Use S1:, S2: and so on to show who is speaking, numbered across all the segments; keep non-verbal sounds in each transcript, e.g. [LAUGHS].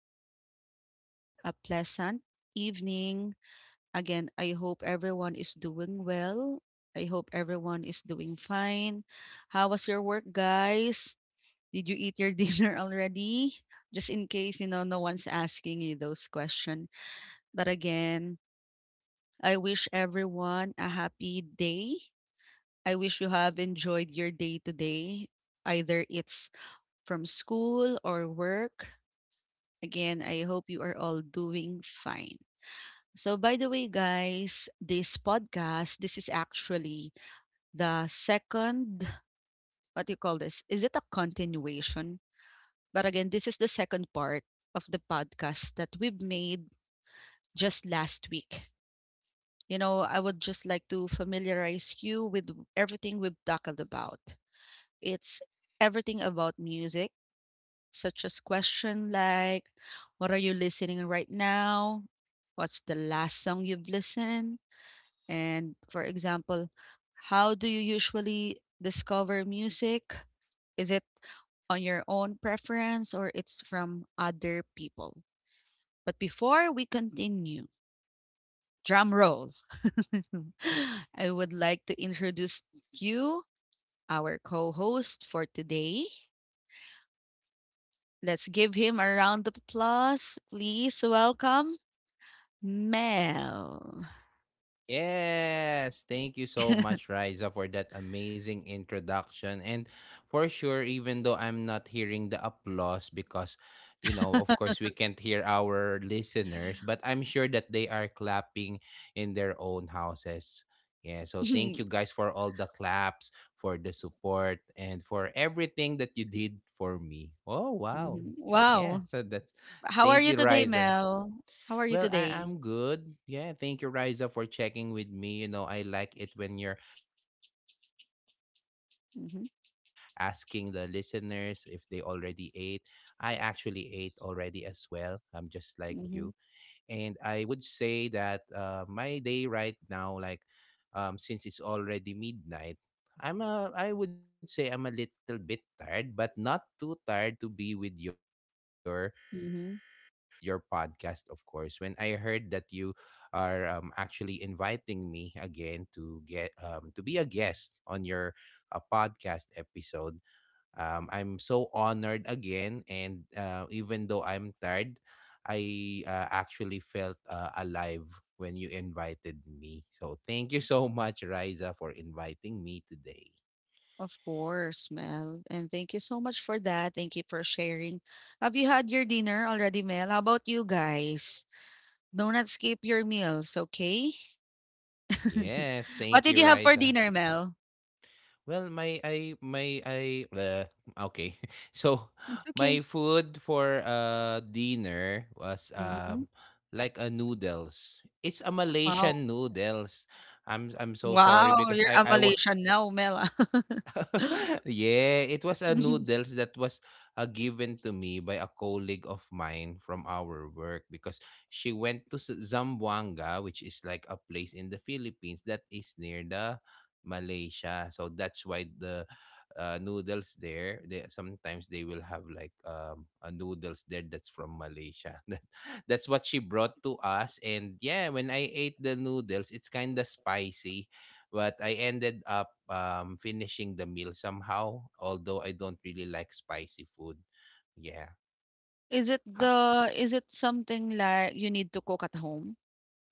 S1: to greet everyone a pleasant evening. Again, I hope everyone is doing well. I hope everyone is doing fine. How was your work, guys? Did you eat your [LAUGHS] dinner already? Just in case, you know, no one's asking you those questions. But again, I wish everyone a happy day. I wish you have enjoyed your day today, either it's from school or work. Again, I hope you are all doing fine. So, by the way, guys, this podcast, this is actually the second, what do you call this? Is it a continuation? But again, this is the second part of the podcast that we've made just last week. You know, I would just like to familiarize you with everything we've talked about. It's everything about music, such as question like what are you listening right now? What's the last song you've listened? And for example, how do you usually discover music? Is it on your own preference or it's from other people? But before we continue, drum roll. [LAUGHS] I would like to introduce you, our co-host for today. Let's give him a round of applause. Please welcome Mel.
S2: Yes, thank you so
S1: [LAUGHS]
S2: much, Riza, for that amazing introduction. And for sure, even though I'm not hearing the applause because, of course, we can't hear our listeners, but I'm sure that they are clapping in their own houses. Yeah, so thank you guys for all the claps, for the support, and for everything that you did for me. Oh, wow.
S1: Mhm.
S2: Yeah,
S1: Wow.
S2: [LAUGHS] so that's,
S1: How are
S2: thank
S1: you
S2: you,
S1: today,
S2: Riza.
S1: Mel? How are you
S2: Well, I
S1: today?
S2: am good. Yeah, thank you, Riza, for checking with me. You know, I like it when you're asking the listeners if they
S1: Mhm,
S2: already ate. I actually ate already as well. I'm just like you. And I would
S1: mhm,
S2: say that my day right now, since it's already midnight, I would say I'm a little bit tired, but not too tired to be with your
S1: mhm.
S2: podcast, of course, when I heard that you are actually inviting me again to get to be a guest on your podcast episode. I'm so honored again, and even though I'm tired, I actually felt alive when you invited me. So thank you so much, Riza, for inviting me today.
S1: Of course, Mel. And thank you so much for that. Thank you for sharing. Have you had your dinner already, Mel? How about you guys? Do not skip your meals, okay? [LAUGHS]
S2: Yes,
S1: What
S2: thank
S1: did
S2: you,
S1: you have for
S2: Riza.
S1: dinner, Mel?
S2: Well, my I bleh, okay. [LAUGHS] So,
S1: That's okay.
S2: my food for dinner was
S1: Mhm.
S2: like a noodles. It's a
S1: Wow.
S2: Malaysian noodles. I'm so sorry
S1: Wow,
S2: because
S1: you're a
S2: I was
S1: Malaysian now, Mel. Ah. [LAUGHS]
S2: [LAUGHS] yeah, it was a noodles that was given to me by a colleague of mine from our work because she went to Zamboanga, which is like a place in the Philippines that is near the Malaysia. So that's why the noodles there, they sometimes they will have like a noodles there that's from Malaysia. [LAUGHS] That's what she brought to us, and yeah, when I ate the noodles, it's kind of spicy but I ended up finishing the meal somehow, although I don't really like spicy food. Yeah.
S1: Is it
S2: Huh.
S1: the is it something like you need to cook at home?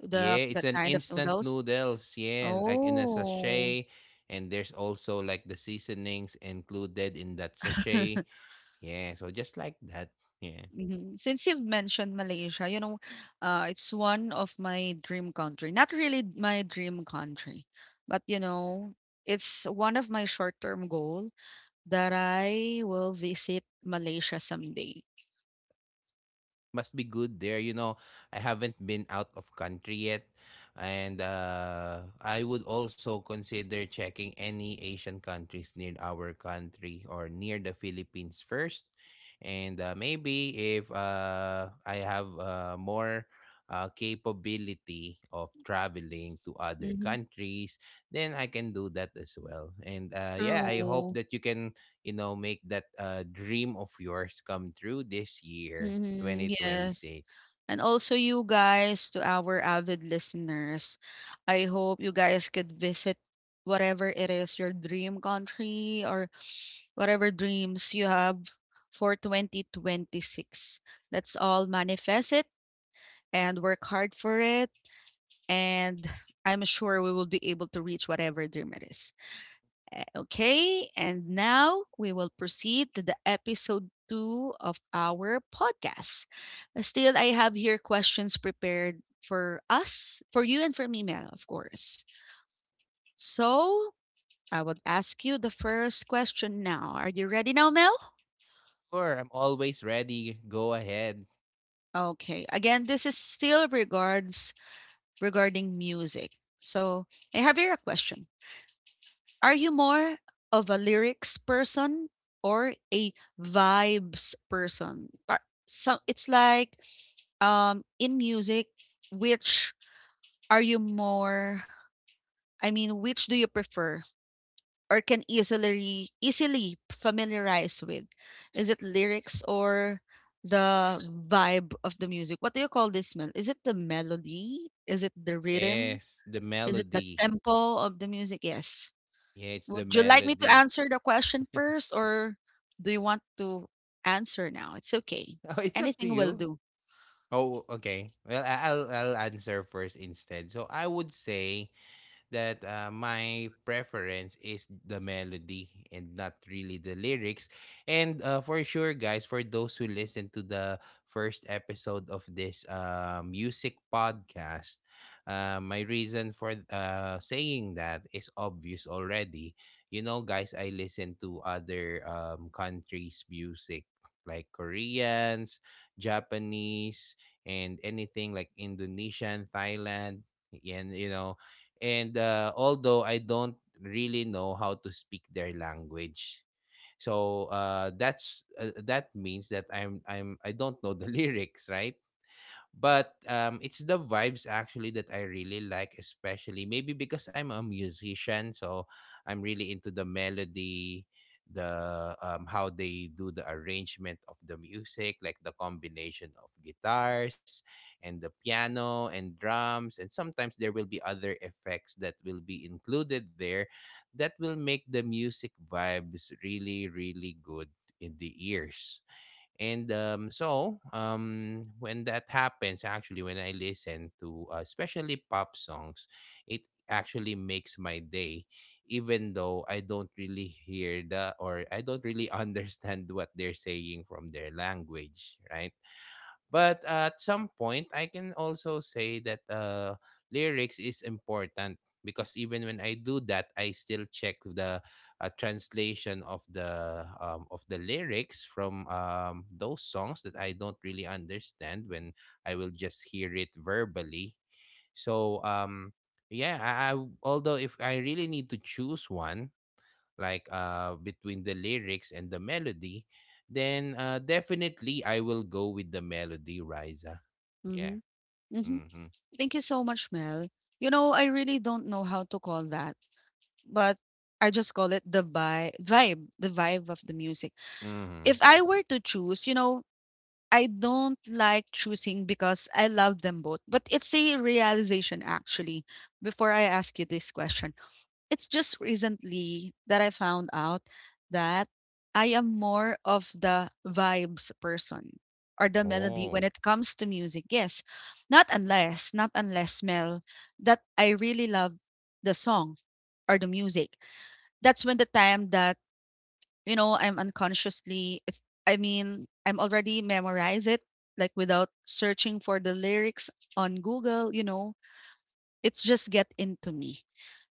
S1: The
S2: Yeah, it's
S1: that
S2: an
S1: kind of
S2: instant
S1: noodles?
S2: noodles, yeah, like in a
S1: Oh.
S2: sachet. And there's also like the seasonings included in that sachet.
S1: [LAUGHS]
S2: Yeah, so just like that. Yeah.
S1: Mhm. Since you've mentioned Malaysia, you know, it's one of my dream country. Not really my dream country, but you know, it's one of my short-term goal that I will visit Malaysia someday.
S2: Must be good there. You know, I haven't been out of country yet, and I would also consider checking any Asian countries near our country or near the Philippines first, and maybe if I have more. Capability of traveling to other
S1: Mhm.
S2: countries, then I can do that as well, and yeah, I hope
S1: True.
S2: that you can, you know, make that dream of yours come true this year,
S1: Mhm. Yes.
S2: 2026.
S1: And also, you guys, to our avid listeners, I hope you guys could visit whatever it is your dream country or whatever dreams you have for 2026. Let's all manifest it and work hard for it. And I'm sure we will be able to reach whatever dream it is. Okay, and now we will proceed to the episode two of our podcast. Still, I have here questions prepared for us, for you, and for me, Mel, of course. So I will ask you the first question now. Are you ready now, Mel?
S2: Sure, I'm always ready. Go ahead.
S1: Okay. Again, this is still regards regarding music. So I have here a question. Are you more of a lyrics person or a vibes person? So it's like in music, which are you more, I mean, which do you prefer or can easily familiarize with? Is it lyrics or the vibe of the music? What do you call this, Mel? Is it the melody? Is it the rhythm?
S2: Yes, the
S1: Is it the
S2: melody.
S1: tempo of the music? Yes.
S2: Yeah, it's the
S1: Would you like me to
S2: melody.
S1: answer
S2: [LAUGHS]
S1: the question first, or do you want to answer now? It's okay.
S2: Oh, it's up to
S1: Anything will
S2: you.
S1: do.
S2: Oh, okay. Well, I'll answer first instead. So I would say that my preference is the melody and not really the lyrics. And for sure, guys, for those who listen to the first episode of this music podcast, my reason for saying that is obvious already. You know, guys, I listen to other countries' music like Koreans, Japanese, and anything like Indonesian, Thailand. And you know, and although I don't really know how to speak their language, so that means that I don't know the [LAUGHS] lyrics, right? But it's the vibes actually that I really like, especially maybe because I'm a musician, so I'm really into the melody, the how they do the arrangement of the music, like the combination of guitars and the piano and drums, and sometimes there will be other effects that will be included there that will make the music vibes really, really good in the ears. And so when that happens, actually, when I listen to especially pop songs, it actually makes my day, even though I don't really hear the, or I don't really [LAUGHS] understand what they're saying from their language, right? But at some point, I can also say that lyrics is important because even when I do that, I still check the translation of the lyrics from those songs that I don't really understand when I will just hear it verbally. So although if I really need to choose one, between the lyrics and the melody, then definitely I will go with the melody, Riza.
S1: Mm-hmm.
S2: Yeah.
S1: Mm-hmm.
S2: Mm-hmm.
S1: Thank you so much, Mel. You know, I really don't know how to call that, but I just call it the vibe, the vibe of the music.
S2: Mm-hmm.
S1: If I were to choose, you know, I don't like choosing because I love them both, but it's a realization actually. Before I ask you this question, it's just recently that I found out that I am more of the vibes person or the melody when
S2: Oh,
S1: it comes to music. Yes. Not unless, not unless, Mel, that I really love the song or the music. That's when the time that, you know, I'm unconsciously it's, I mean, I'm already memorize it like without searching for the lyrics on Google, you know, it's just get into me.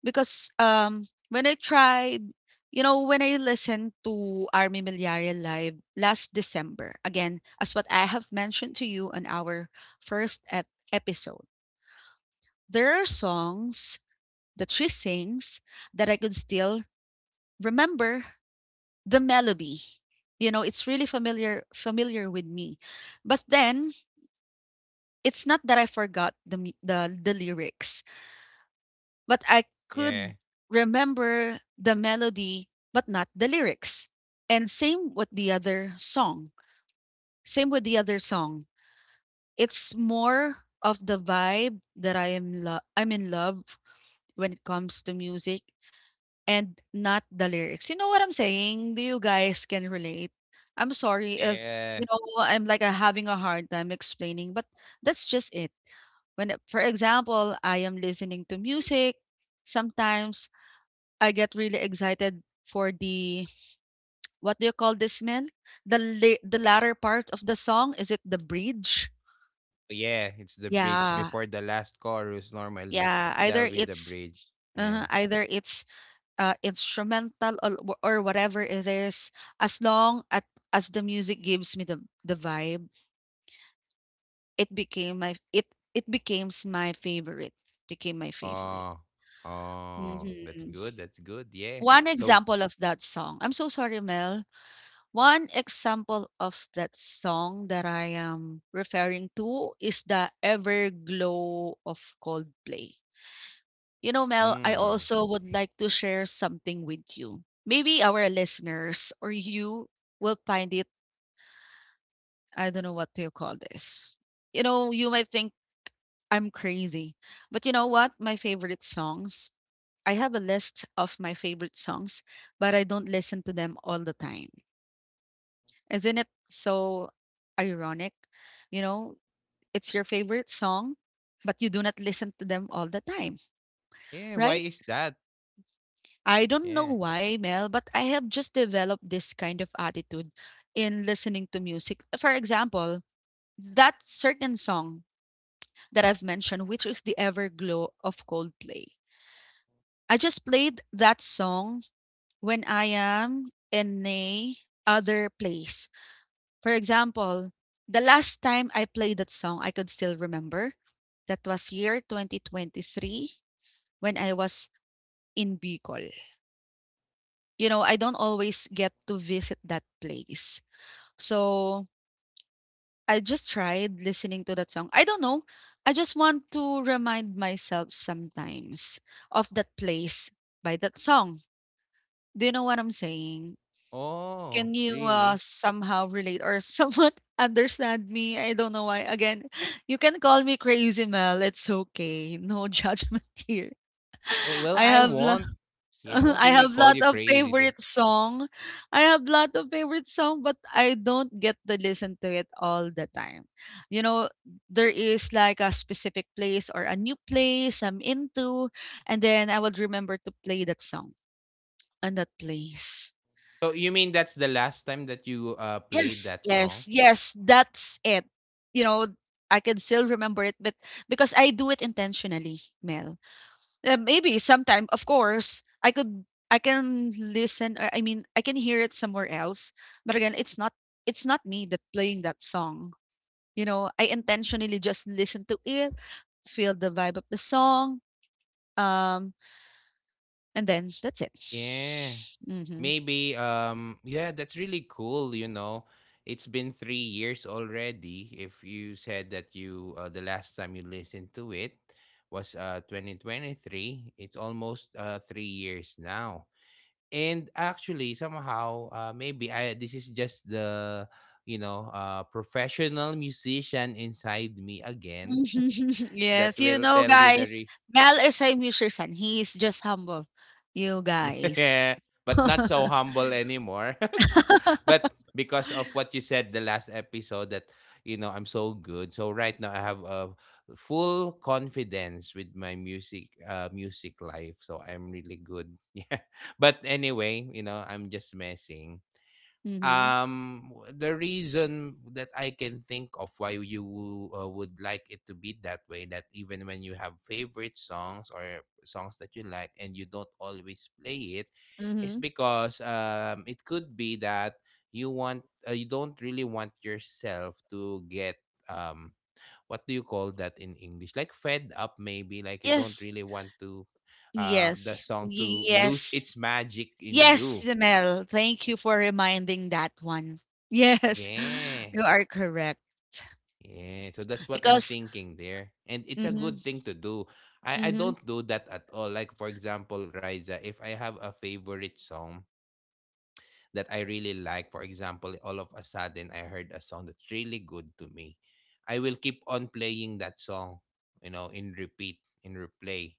S1: Because, when I tried, you know, when I listened to Army Milliare live last December, again, as what I have mentioned to you on our episode, there are songs that she sings that I could still remember the melody. You know, it's really familiar with me. But then it's not that I forgot the the lyrics. But I could
S2: yeah.
S1: remember the melody but not the lyrics. And same with the other song. Same with the other song. It's more of the vibe that I am I'm in love when it comes to music and not the lyrics. You know what I'm saying? Do you guys can relate? I'm sorry if you
S2: Yeah.
S1: know I'm like having a hard time explaining, but that's just it. When for example, I am listening to music, sometimes I get really excited for the what do you call this, Mel? The the latter part of the song, is it the bridge?
S2: Yeah, it's the bridge
S1: Yeah.
S2: before the last chorus. Normally,
S1: Yeah, either
S2: that'll be the
S1: it's
S2: bridge. Yeah.
S1: uh, either it's instrumental or, or whatever it is, as long at, as the music gives me the vibe, it it becomes my favorite. Became my favorite.
S2: Oh, oh, that's
S1: Mhm.
S2: good. That's good. Yeah.
S1: One
S2: So,
S1: example of that song. I'm so sorry, Mel. One example of that song that I am referring to is the Everglow of Coldplay. You know, Mel, I
S2: mm,
S1: also would like to share something with you. Maybe our listeners or you will find it, I don't know what to call this. You know, you might think I'm crazy, but you know what? My favorite songs, I have a list of my favorite songs, but I don't listen to them all the time. Isn't it so ironic? You know, it's your favorite song, but you do not listen to them all the time,
S2: yeah, why
S1: right?
S2: is that?
S1: I don't know
S2: Yeah.
S1: why, Mel, but I have just developed this kind of attitude in listening to music. For example, that certain song that I've mentioned, which is the Everglow of Coldplay. I just played that song when I am in a other place. For example, the last time I played that song, I could still remember. That was year 2023 when I was in Bicol. You know, I don't always get to visit that place. So I just tried listening to that song. I don't know. I just want to remind myself sometimes of that place by that song. Do you know what I'm saying?
S2: Oh,
S1: Can you
S2: really?
S1: somehow relate or somewhat [LAUGHS] understand me? I don't know why. Again, you can call me crazy, Mel. It's okay. No judgment [LAUGHS] here.
S2: Oh, well,
S1: I
S2: I
S1: have lo-
S2: won't.
S1: [LAUGHS]
S2: Yeah, I won't
S1: I
S2: really
S1: have
S2: call
S1: lot
S2: you
S1: of
S2: crazy.
S1: favorite song. I have lot of favorite song, but I don't get to listen to it all the time. You know, there is like a specific place or a new place I'm into, and then I would remember to play that song on that place.
S2: So you mean that's the last time that you played
S1: Yes,
S2: that
S1: yes,
S2: song?
S1: yes, that's it. You know, I can still remember it, but because I do it intentionally, Mel. Maybe sometime, of course, I can listen, or I mean, I can hear it somewhere else. But again, it's not me that playing that song. You know, I intentionally just listen to it, feel the vibe of the song, um, and then that's it.
S2: Yeah.
S1: Mm-hmm.
S2: Maybe yeah, that's really cool, you know. It's been 3 years already if you said that you the last time you listened to it was 2023. It's almost 3 years now. And actually somehow maybe I this is just the, you know, professional musician inside me again
S1: [LAUGHS]
S2: that
S1: Yes, you
S2: will
S1: know,
S2: tell you the
S1: guys,
S2: reason.
S1: Mel is a musician. He is just humble. You guys.
S2: [LAUGHS]
S1: [LAUGHS]
S2: But not so humble anymore. [LAUGHS] But because of what you said the last episode that, you know, I'm so good. So right now I have a full confidence with my music life. So I'm really good. [LAUGHS] Yeah. But anyway, you know, I'm just messing.
S1: Hmm.
S2: The reason that I can think of why you would like it to be that way, that even when you have favorite songs or songs that you like and you don't always play it, is
S1: Mm-hmm.
S2: because it could be that you want, you don't really want yourself to get, um what do you call that in English? Like fed up maybe, like you don't
S1: Yes.
S2: really want to the
S1: Yes.
S2: song to lose
S1: Yes.
S2: its magic in
S1: Yes,
S2: you.
S1: Mel. Thank you for reminding that one. Yes, [LAUGHS]
S2: Yeah.
S1: you are correct.
S2: Yeah, so that's what I'm
S1: Because,
S2: thinking there. And it's a
S1: mm-hmm,
S2: good thing to do. I
S1: mm-hmm,
S2: don't do that at all. Like, for example, Riza, if I have a favorite song that I really like, for example, all of a sudden I heard a song that's really good to me, I will keep on playing that song, you know, in repeat, in replay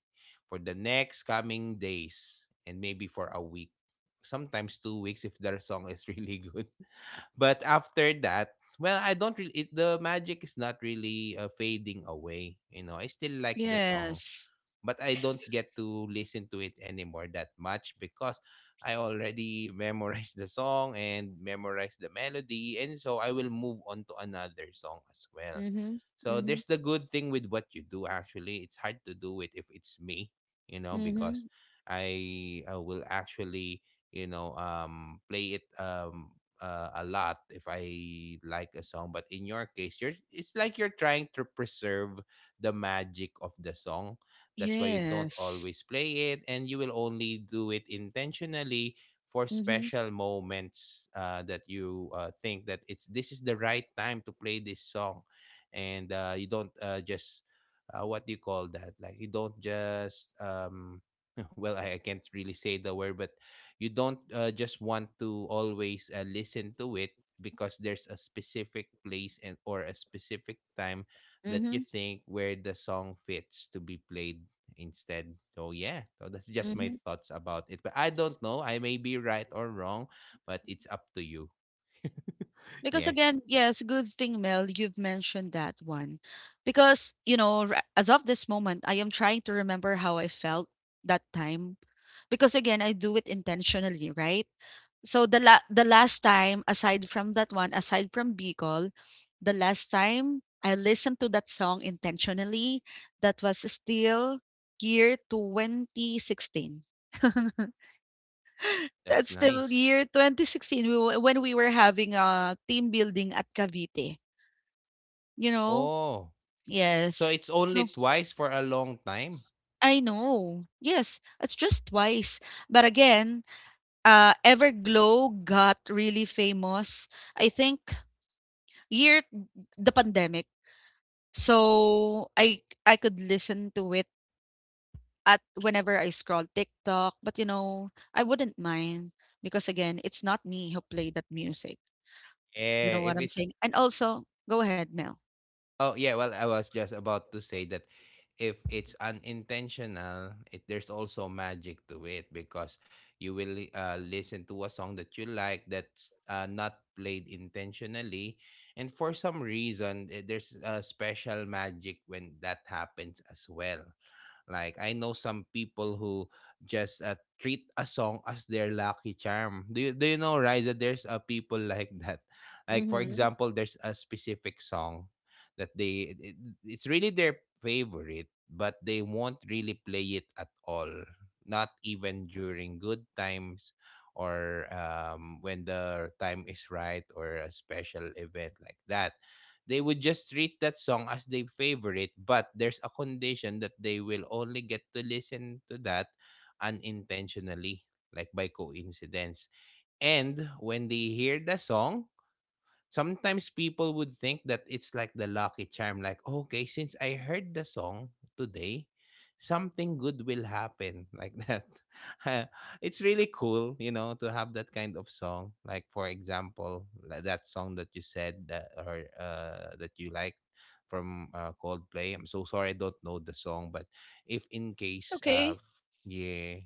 S2: for the next coming days and maybe for a week, sometimes 2 weeks if their song is [LAUGHS] really good. But after that, well, I don't really it, the magic is not really fading away. You know, I still like the song,
S1: yes.
S2: but I don't get to listen to it anymore that much because I already [LAUGHS] memorized the song and memorized the melody, and so I will move on to another song as well.
S1: Mm-hmm,
S2: So
S1: mm-hmm,
S2: there's the good thing with what you do actually. It's hard to do it if it's me, you know, because
S1: mm-hmm.
S2: I will actually, you know, play it a lot if I like a song, but in your case, you're it's like you're trying to preserve the magic of the song. That's why you don't
S1: Yes.
S2: always play it, and you will only do it intentionally for
S1: Mhm.
S2: special moments that you think that it's this is the right time to play this song, and you don't just what do you call that? Like you don't just [LAUGHS] well, I can't really say the word, but you don't just want to always listen to it because there's a specific place and or a specific time that you
S1: Mhm.
S2: think where the song fits to be played instead. So yeah, so that's just my
S1: Mhm.
S2: thoughts about it. But I don't know. I may be right or wrong, but it's up to you. [LAUGHS]
S1: Because
S2: Yeah,
S1: again, yes, good thing, Mel, you've mentioned that one. Because, you know, as of this moment, I am trying to remember how I felt that time. Because again, I do it intentionally, right? So the last time, aside from that one, aside from Bicol, the last time I listened to that song intentionally, that was still year 2016. [LAUGHS]
S2: that's
S1: That's still
S2: nice.
S1: year 2016 we were when we were having a team building at Cavite, you know?
S2: Oh, so
S1: Yes.
S2: it's only
S1: So
S2: twice for a long time?
S1: I know. Yes, it's just twice. But again, Everglow got really famous. I think year the pandemic. So I could listen to it at whenever I scroll TikTok. But you know, I wouldn't mind because again, it's not me who played that music. You know
S2: Eh,
S1: what
S2: if
S1: I'm
S2: it's
S1: saying? And also go ahead, Mel.
S2: oh yeah, well I was just about to say that if it's unintentional, there's also magic to it because you will listen to a song that you like that's not played intentionally, and for some reason there's a special magic when that happens as well. Like I know some people who just treat a song as their lucky charm. Do you know, right, that there's people [LAUGHS] like that? Like for
S1: Mhm.
S2: example, there's a specific song that it's really their favorite, but they won't really play it at all. Not even during good times or when the time is right or a special event like that. They would just treat that song as their favorite, but there's a condition that they will only get to listen to that unintentionally, like by coincidence. And when they hear the song, sometimes people would think that it's like the lucky charm, like, okay, since I heard the song today, something good will happen, like that. [LAUGHS] It's really cool, to have that kind of song, like, for example, like that song that you said that or that you like from Coldplay. I'm so sorry, I don't know the song, but if in
S1: It's
S2: case
S1: okay.
S2: yeah.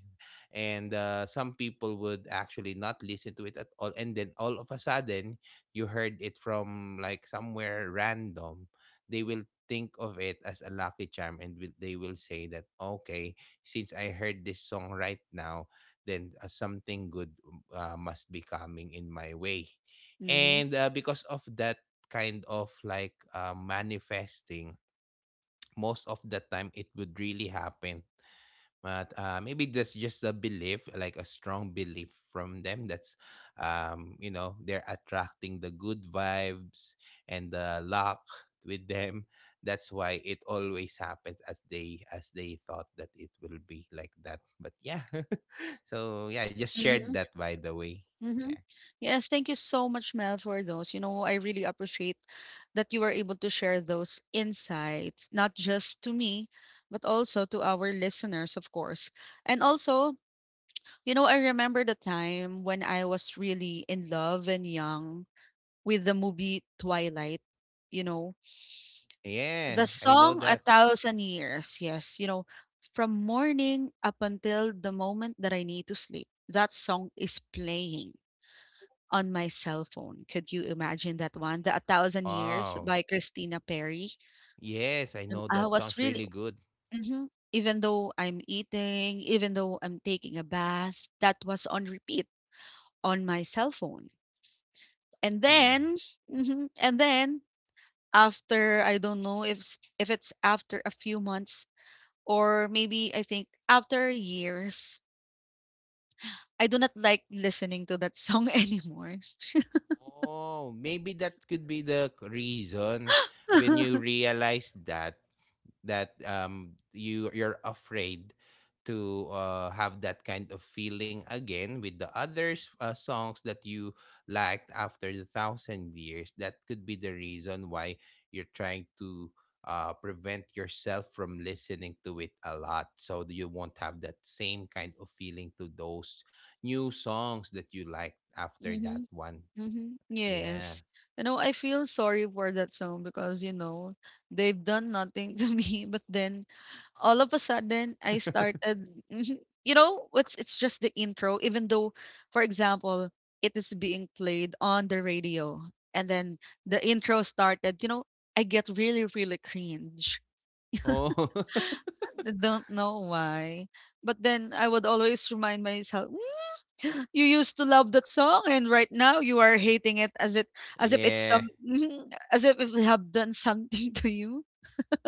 S2: And some people would actually not listen to it at all, and then all of a sudden you heard it from like somewhere random, they will think of it as a lucky charm, and they will say that, okay, since I heard this song right now, then something good must be coming in my way.
S1: Mhm.
S2: And because of that kind of like manifesting, most of the time it would really happen, but maybe that's just a belief, like a strong belief from them, that's they're attracting the good vibes and the luck with them. That's why it always happens, as they thought that it will be like that. But yeah. [LAUGHS] So yeah, just shared
S1: Mhm.
S2: that, by the way. Yeah.
S1: Mhm. Yes, thank you so much, Mel, for those. You know, I really appreciate that you were able to share those insights, not just to me, but also to our listeners, of course. And also, you know, I remember the time when I was really in love and young with the movie Twilight, you know.
S2: Yeah,
S1: The
S2: I know
S1: song "A
S2: that.
S1: Thousand Years," yes, you know, from morning up until the moment that I need to sleep, that song is playing on my cell phone. Could you imagine that one? The "A Thousand Years"
S2: Wow.
S1: by Christina Perry.
S2: Yes, I
S1: And
S2: know
S1: I
S2: that
S1: was
S2: sounds
S1: really
S2: really good.
S1: mhm, even though I'm eating, even though I'm taking a bath, that was on repeat on my cell phone. And
S2: Mm.
S1: then mhm, and then after I don't know if it's after a few months. Or maybe I think after years, I do not like listening to that song [LAUGHS] anymore.
S2: Oh, maybe that could be the reason when you
S1: [LAUGHS]
S2: realize that you're afraid to have that kind of feeling again with the others, songs that you liked after The Thousand Years. That could be the reason why you're trying to prevent yourself from listening to it a lot, so that you won't have that same kind of feeling to those new songs that you liked after
S1: Mm-hmm.
S2: that one.
S1: Mm-hmm.
S2: Yeah.
S1: Yes. You know, I feel sorry for that song because, you know, they've done nothing [LAUGHS] to me. But then all of a sudden I
S2: [LAUGHS]
S1: started. Mhm. You know, it's just the intro, even though, for example, it is being played on the radio and then the intro started, you know, I get really, really cringe.
S2: Oh. [LAUGHS]
S1: I don't know why. But then I would always remind myself, "Mm, you used to love that song and right now you are hating it as if it's
S2: Yeah.
S1: some, as if it have done something [LAUGHS] to you."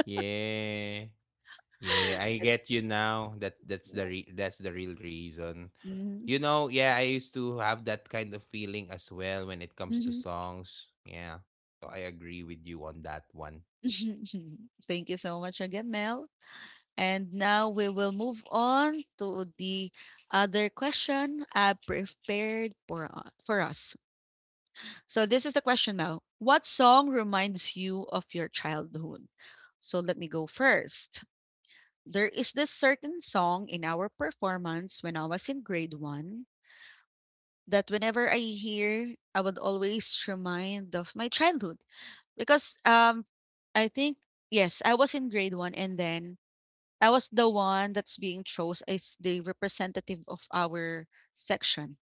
S2: Yeah. Yeah, I
S1: It's,
S2: get you now. That's the real reason.
S1: Mhm,
S2: You know, yeah, I used to have that kind of feeling as well when it comes to
S1: mhm,
S2: songs. Yeah. So I agree with you on that one.
S1: [LAUGHS] thank you so much again, Mel. And now we will move on to the other question I prepared for for us. So this is the question now. What song reminds you of your childhood? So let me go first. There is this certain song in our performance when I was in grade one that whenever I hear, I would always remind of my childhood because I think yes, I was in grade one and then I was the one that's being chose as the representative of our section.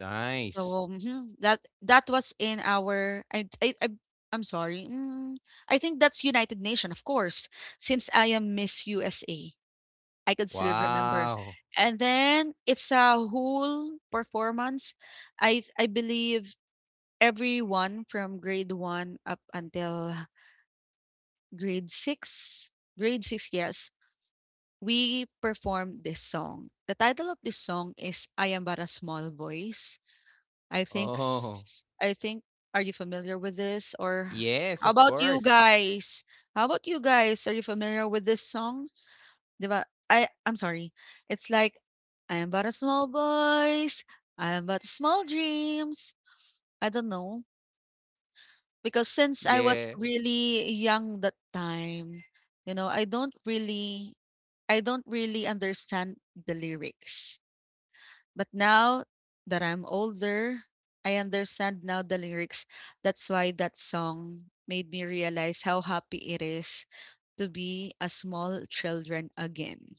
S2: Nice.
S1: So, that was in our I'm sorry. I think that's United Nation, of course, since I am Miss USA. I could still remember.
S2: Wow.
S1: And then it's a whole performance. I believe everyone from grade 1 up until grade 6, grade 6, yes, we performed this song. The title of this song is I Am But a Small Voice. I think,
S2: Oh.
S1: are you familiar with this? Or
S2: Yes,
S1: how
S2: of
S1: about you
S2: course.
S1: guys? How about you guys? Are you familiar with this song? Ba? I'm sorry. It's like I am but a small voice. I am but small dreams. I don't know. Because since I was
S2: Yeah.
S1: really young that time, you know, I don't really understand the lyrics. But now that I'm older, I understand now the lyrics. That's why that song made me realize how happy it is to be a small children again.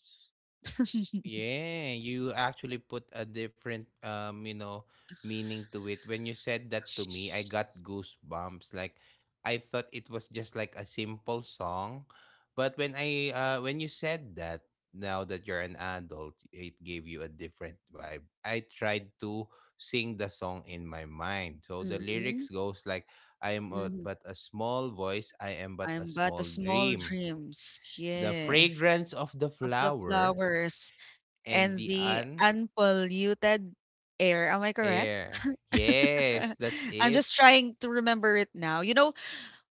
S1: [LAUGHS]
S2: Yeah, you actually put a different meaning to it. When you said that to me, I got goosebumps. Like, I thought it was just like a simple song, but when you said that, now that you're an adult, it gave you a different vibe. I tried to sing the song in my mind. So the
S1: Mm-hmm.
S2: lyrics goes like, I am
S1: Mm-hmm.
S2: but a small voice, I am
S1: I
S2: but a
S1: am but the
S2: small
S1: small
S2: dream.
S1: dreams,
S2: The
S1: yes,
S2: fragrance of the
S1: of the
S2: flower
S1: flowers
S2: and
S1: and
S2: the.
S1: the unpolluted air. Am I correct?
S2: Air.
S1: [LAUGHS]
S2: Yes, that's
S1: I'm
S2: it. [LAUGHS]
S1: just trying to remember it now. You know,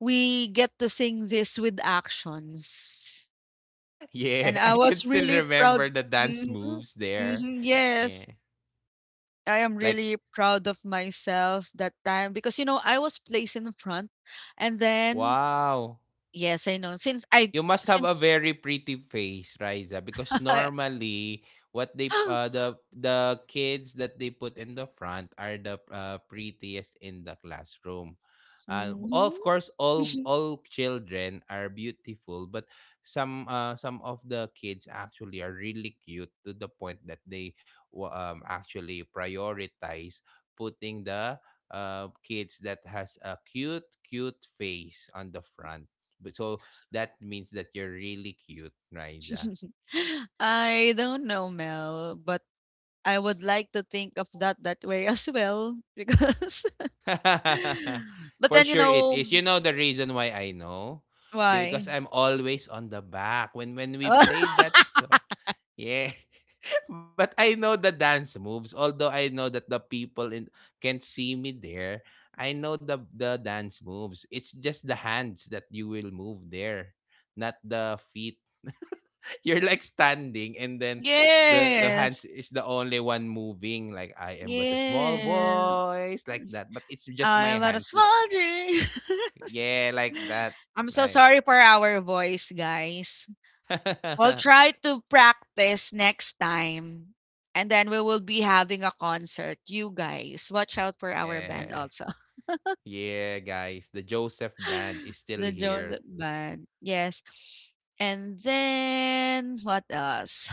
S1: we get to sing this with actions.
S2: Yeah,
S1: And
S2: I
S1: I
S2: can
S1: was
S2: still
S1: really proud.
S2: remember the dance
S1: mhm,
S2: moves there.
S1: mhm, [LAUGHS]
S2: Yeah.
S1: yes. I am
S2: Like,
S1: really proud of myself that time because, you know, I was placed in front and then
S2: wow.
S1: yes, I know since I
S2: You must have a
S1: since
S2: very pretty face, Riza, because
S1: [LAUGHS] I.
S2: normally what they the kids that they put in the front are the prettiest in the classroom. Of
S1: Mhm.
S2: course, all children are beautiful, but some of the kids actually are really cute to the point that they actually prioritize putting the kids that has a cute face on the front. But so that means that you're really cute, Raisa.
S1: [LAUGHS] I don't know, Mel, but I would like to think of that way [LAUGHS] as well because [LAUGHS]
S2: [LAUGHS]
S1: but
S2: For
S1: then you
S2: sure it
S1: know
S2: is. You know the reason why I know? Because
S1: why?
S2: I'm always on the back when we
S1: [LAUGHS]
S2: played that song. Yeah. But I know the dance moves. Although I know that the people in can't see me there, I know the dance moves. It's just the hands that you will move there, not the feet. [LAUGHS] You're like standing, and then the hands is
S1: Yes.
S2: the only one moving. Like, I am but a small
S1: Yeah.
S2: voice, like that. But it's just my
S1: I
S2: hands.
S1: was
S2: That's.
S1: wondering.
S2: Yeah, like that,
S1: [LAUGHS] I'm so
S2: right?
S1: sorry for our voice, guys. We'll
S2: [LAUGHS]
S1: try to practice next time. And then we will be having a concert. You guys, watch out for our band
S2: Yeah,
S1: also.
S2: yeah, guys. The Joseph Band
S1: [LAUGHS]
S2: is still
S1: The
S2: here.
S1: Joseph band. Yes. And then what else?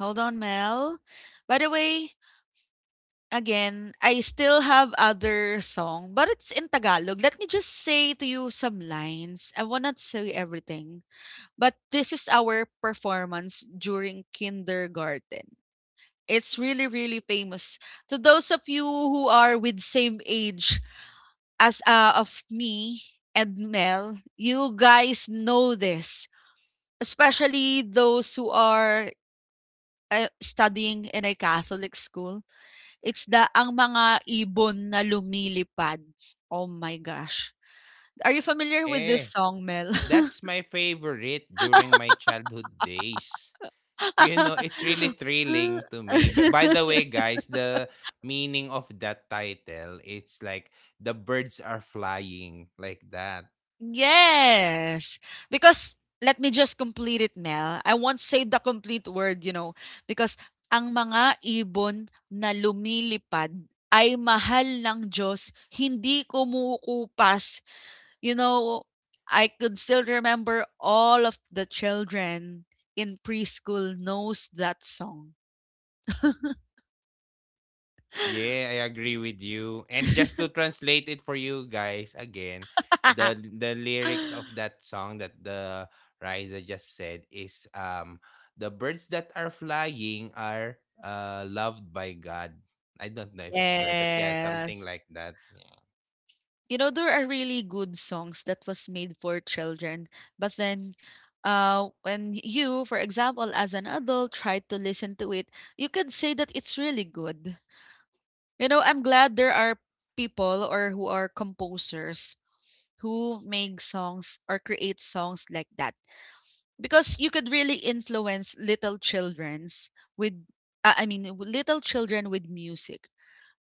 S1: Hold on, Mel. By the way, again, I still have other song, but it's in Tagalog. Let me just say to you some lines. I will not say everything, but this is our performance during kindergarten. It's really, really famous. To those of you who are with same age as of me and Mel, you guys know this, especially those who are studying in a Catholic school, it's the Ang Mga Ibon na Lumilipad. Oh my gosh. Are you familiar with this
S2: Eh.
S1: song, Mel? [LAUGHS]
S2: That's my favorite during my childhood days. [LAUGHS] You know, it's really
S1: Ah.
S2: thrilling to me. But by the
S1: [LAUGHS]
S2: way, guys, the meaning of that title, it's like the birds are flying, like that.
S1: Yes, because let me just complete it, Mel. I won't say the complete word, you know, because ang mga ibon na lumilipad ay mahal ng Diyos, hindi kumukupas. You know, I could still remember all of the children in preschool knows that song.
S2: Yeah, I agree with you. And just to
S1: [LAUGHS]
S2: translate it for you guys again, the lyrics of that song that the Riza just said is the birds that are flying are loved by God. I don't know if it's right, but yeah, something
S1: Yes.
S2: like that. Yeah.
S1: You know, there are really good songs that was made for children, but then when you, for example, as an adult try to listen to it, you could say that it's really good. You know, I'm glad there are people or who are composers who make songs or create songs like that, because you could really influence little children's with little children with music,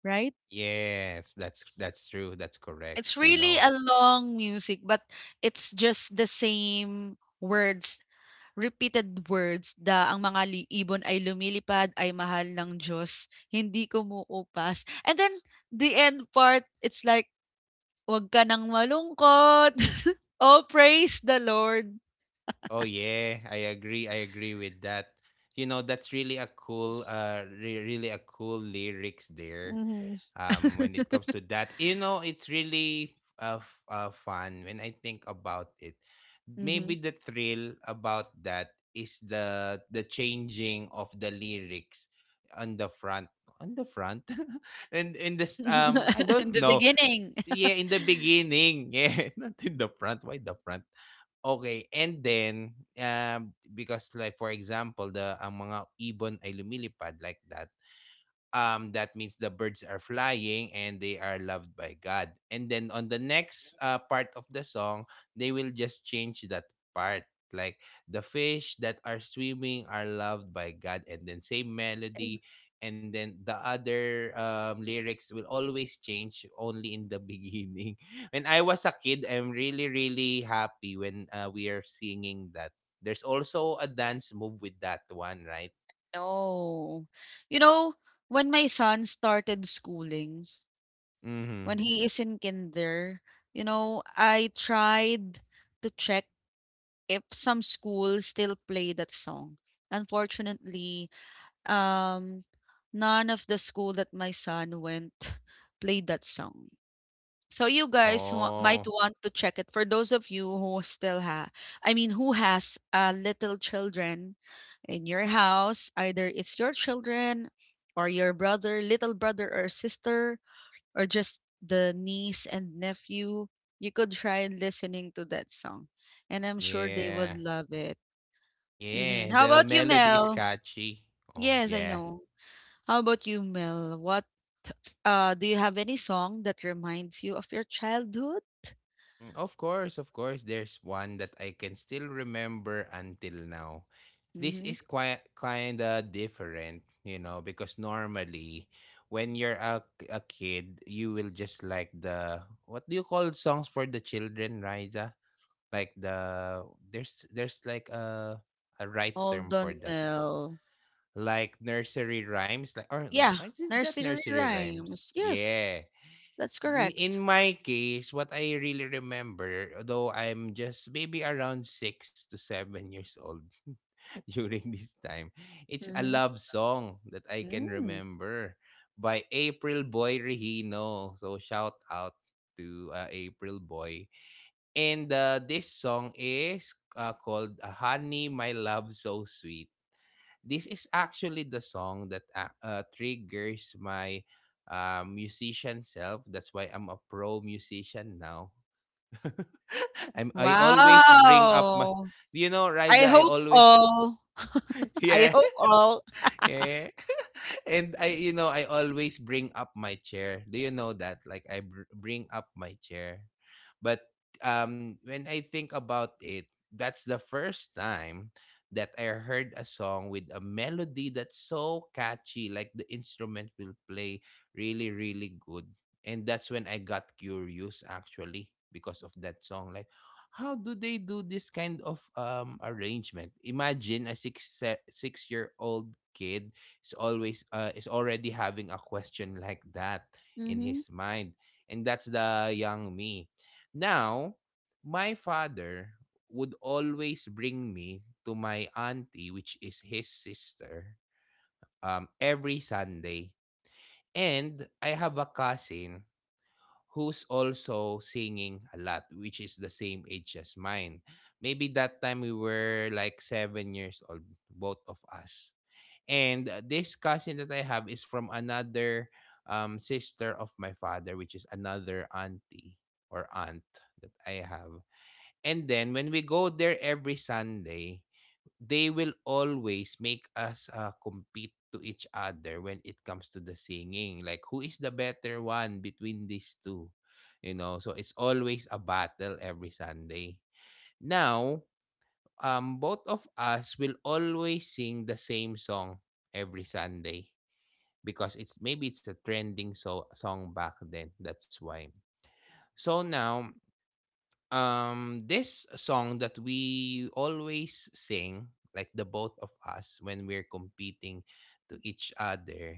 S1: right?
S2: Yes, that's true. That's correct.
S1: It's
S2: You
S1: really
S2: know.
S1: a long music, but it's just the same words, repeated words, da ang mga li- ibon ay lumilipad ay mahal ng Diyos hindi kumukupas. And then the end part it's like wag ka nang malungkot. [LAUGHS] Oh praise the lord.
S2: Oh yeah, I agree. I agree with that. You know, that's really a cool really a cool lyrics there,
S1: Mhm,
S2: when it comes to that. It's really fun when I think about it. Maybe
S1: mhm.
S2: the thrill about that is the changing of the lyrics on the front, on the front [LAUGHS] and in
S1: [LAUGHS]
S2: this, I
S1: In
S2: don't
S1: the
S2: know.
S1: beginning.
S2: Yeah,
S1: [LAUGHS]
S2: in the beginning. [LAUGHS] Yeah, not in the front. Why the front? Okay, and then, because, like, for example, the ang mga ibon ay lumilipad, like that, that means the birds are flying and they are loved by God. And then on the next part of the song, they will just change that part. Like, the fish that are swimming are loved by God, and then same melody, and then the other lyrics will always change only in the beginning. [LAUGHS] When I was a kid, I'm really really happy when we are singing that. There's also a dance move with that one, right?
S1: No. You know, when my son started schooling, when
S2: Mm-hmm.
S1: he is in kinder, you know, I tried to check if some schools still play that song. Unfortunately, um, none of the school that my son went [LAUGHS] played that song. So you guys might
S2: Oh.
S1: want to check it for those of you who still have, I mean, who has little children in your house. Either it's your children or your brother, little brother or sister, or just the niece and nephew. You could try listening to that song, and I'm sure they would
S2: Yeah.
S1: love it.
S2: Yeah,
S1: How
S2: the
S1: about you,
S2: melody is
S1: Mel?
S2: catchy. Oh,
S1: Yes, I
S2: yeah.
S1: know. How about you, Mel? What do you have any song that reminds you of your childhood?
S2: Mm, of course, there's one that I can still remember until now. This
S1: Mm-hmm.
S2: is quite kind of different, because normally when you're a kid, you will just like the, what do you call songs for the children, Riza? Like, there's like a right term for
S1: Golden
S2: that.
S1: Mill.
S2: Like nursery rhymes, like, or
S1: Yeah,
S2: like, is that
S1: nursery
S2: nursery rhymes?
S1: rhymes. Yes,
S2: Yeah.
S1: that's
S2: In
S1: correct.
S2: my case, what I really remember, though I'm just maybe around 6 to 7 years old, [LAUGHS] during this time, it's a
S1: Mhm.
S2: love song that I can
S1: Mm.
S2: remember, by April Boy Rehino. So shout out to April Boy. And this song is called, Honey My Love So Sweet. This is actually the song that triggers my musician self. That's why I'm a pro musician now. [LAUGHS] I always bring up my,
S1: Wow!
S2: you know,
S1: I
S2: Riza, I
S1: hope
S2: always
S1: all.
S2: [LAUGHS]
S1: [LAUGHS] I
S2: yeah.
S1: hope all. [LAUGHS]
S2: Yeah. [LAUGHS] And I always bring up my chair. Do you know that? Like, bring up my chair. But when I think about it, that's the first time that I heard a song with a melody that's so catchy. Like, the instrument will play really, really good. And that's when I got curious actually because of that song. Like, how do they do this kind of arrangement? Imagine a six year old kid is already having a question like that in
S1: Mhm,
S2: his mind, and that's the young me. Now, my father would always bring me to my auntie, which is his sister, every Sunday, and I have a cousin who's also singing a lot, which is the same age as mine. Maybe that time we were like 7 years old, both of us. And this cousin that I have is from another, sister of my father, which is another auntie or aunt that I have. And then when we go there every Sunday, they will always make us compete to each other when it comes to the singing. Like, who is the better one between these two? You know, so it's always a battle every Sunday. Now, both of us will always sing the same song every Sunday because it's maybe it's a trending so song back then. That's why. So now, this song that we always sing, like, the both of us when we're competing to each other,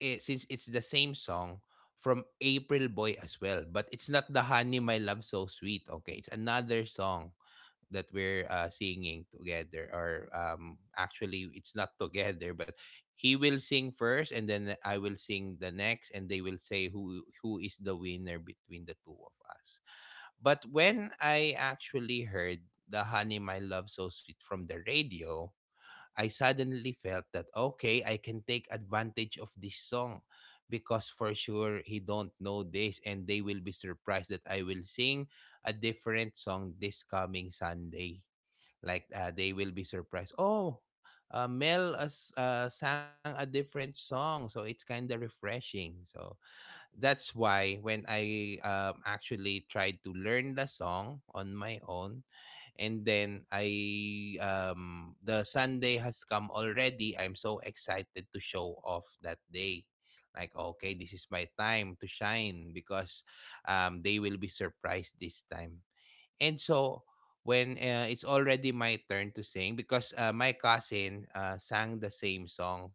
S2: since it's the same song from April Boy as well, but it's not the Honey My Love So Sweet, okay, it's another song that we're singing together, or actually it's not together, but he will sing first and then I will sing the next, and they will say who is the winner between the two of us. But when I actually heard the Honey My Love So Sweet from the radio, I suddenly felt that, okay, I can take advantage of this song, because for sure he don't know this, and they will be surprised that I will sing a different song this coming Sunday. Like, they will be surprised. Oh, Mel sang a different song, so it's kind of refreshing. So that's why when I, actually tried to learn the song on my own, and then I the Sunday has come already. I'm so excited to show off that day. Like, okay, this is my time to shine, because they will be surprised this time. And so when it's already my turn to sing because my cousin sang the same song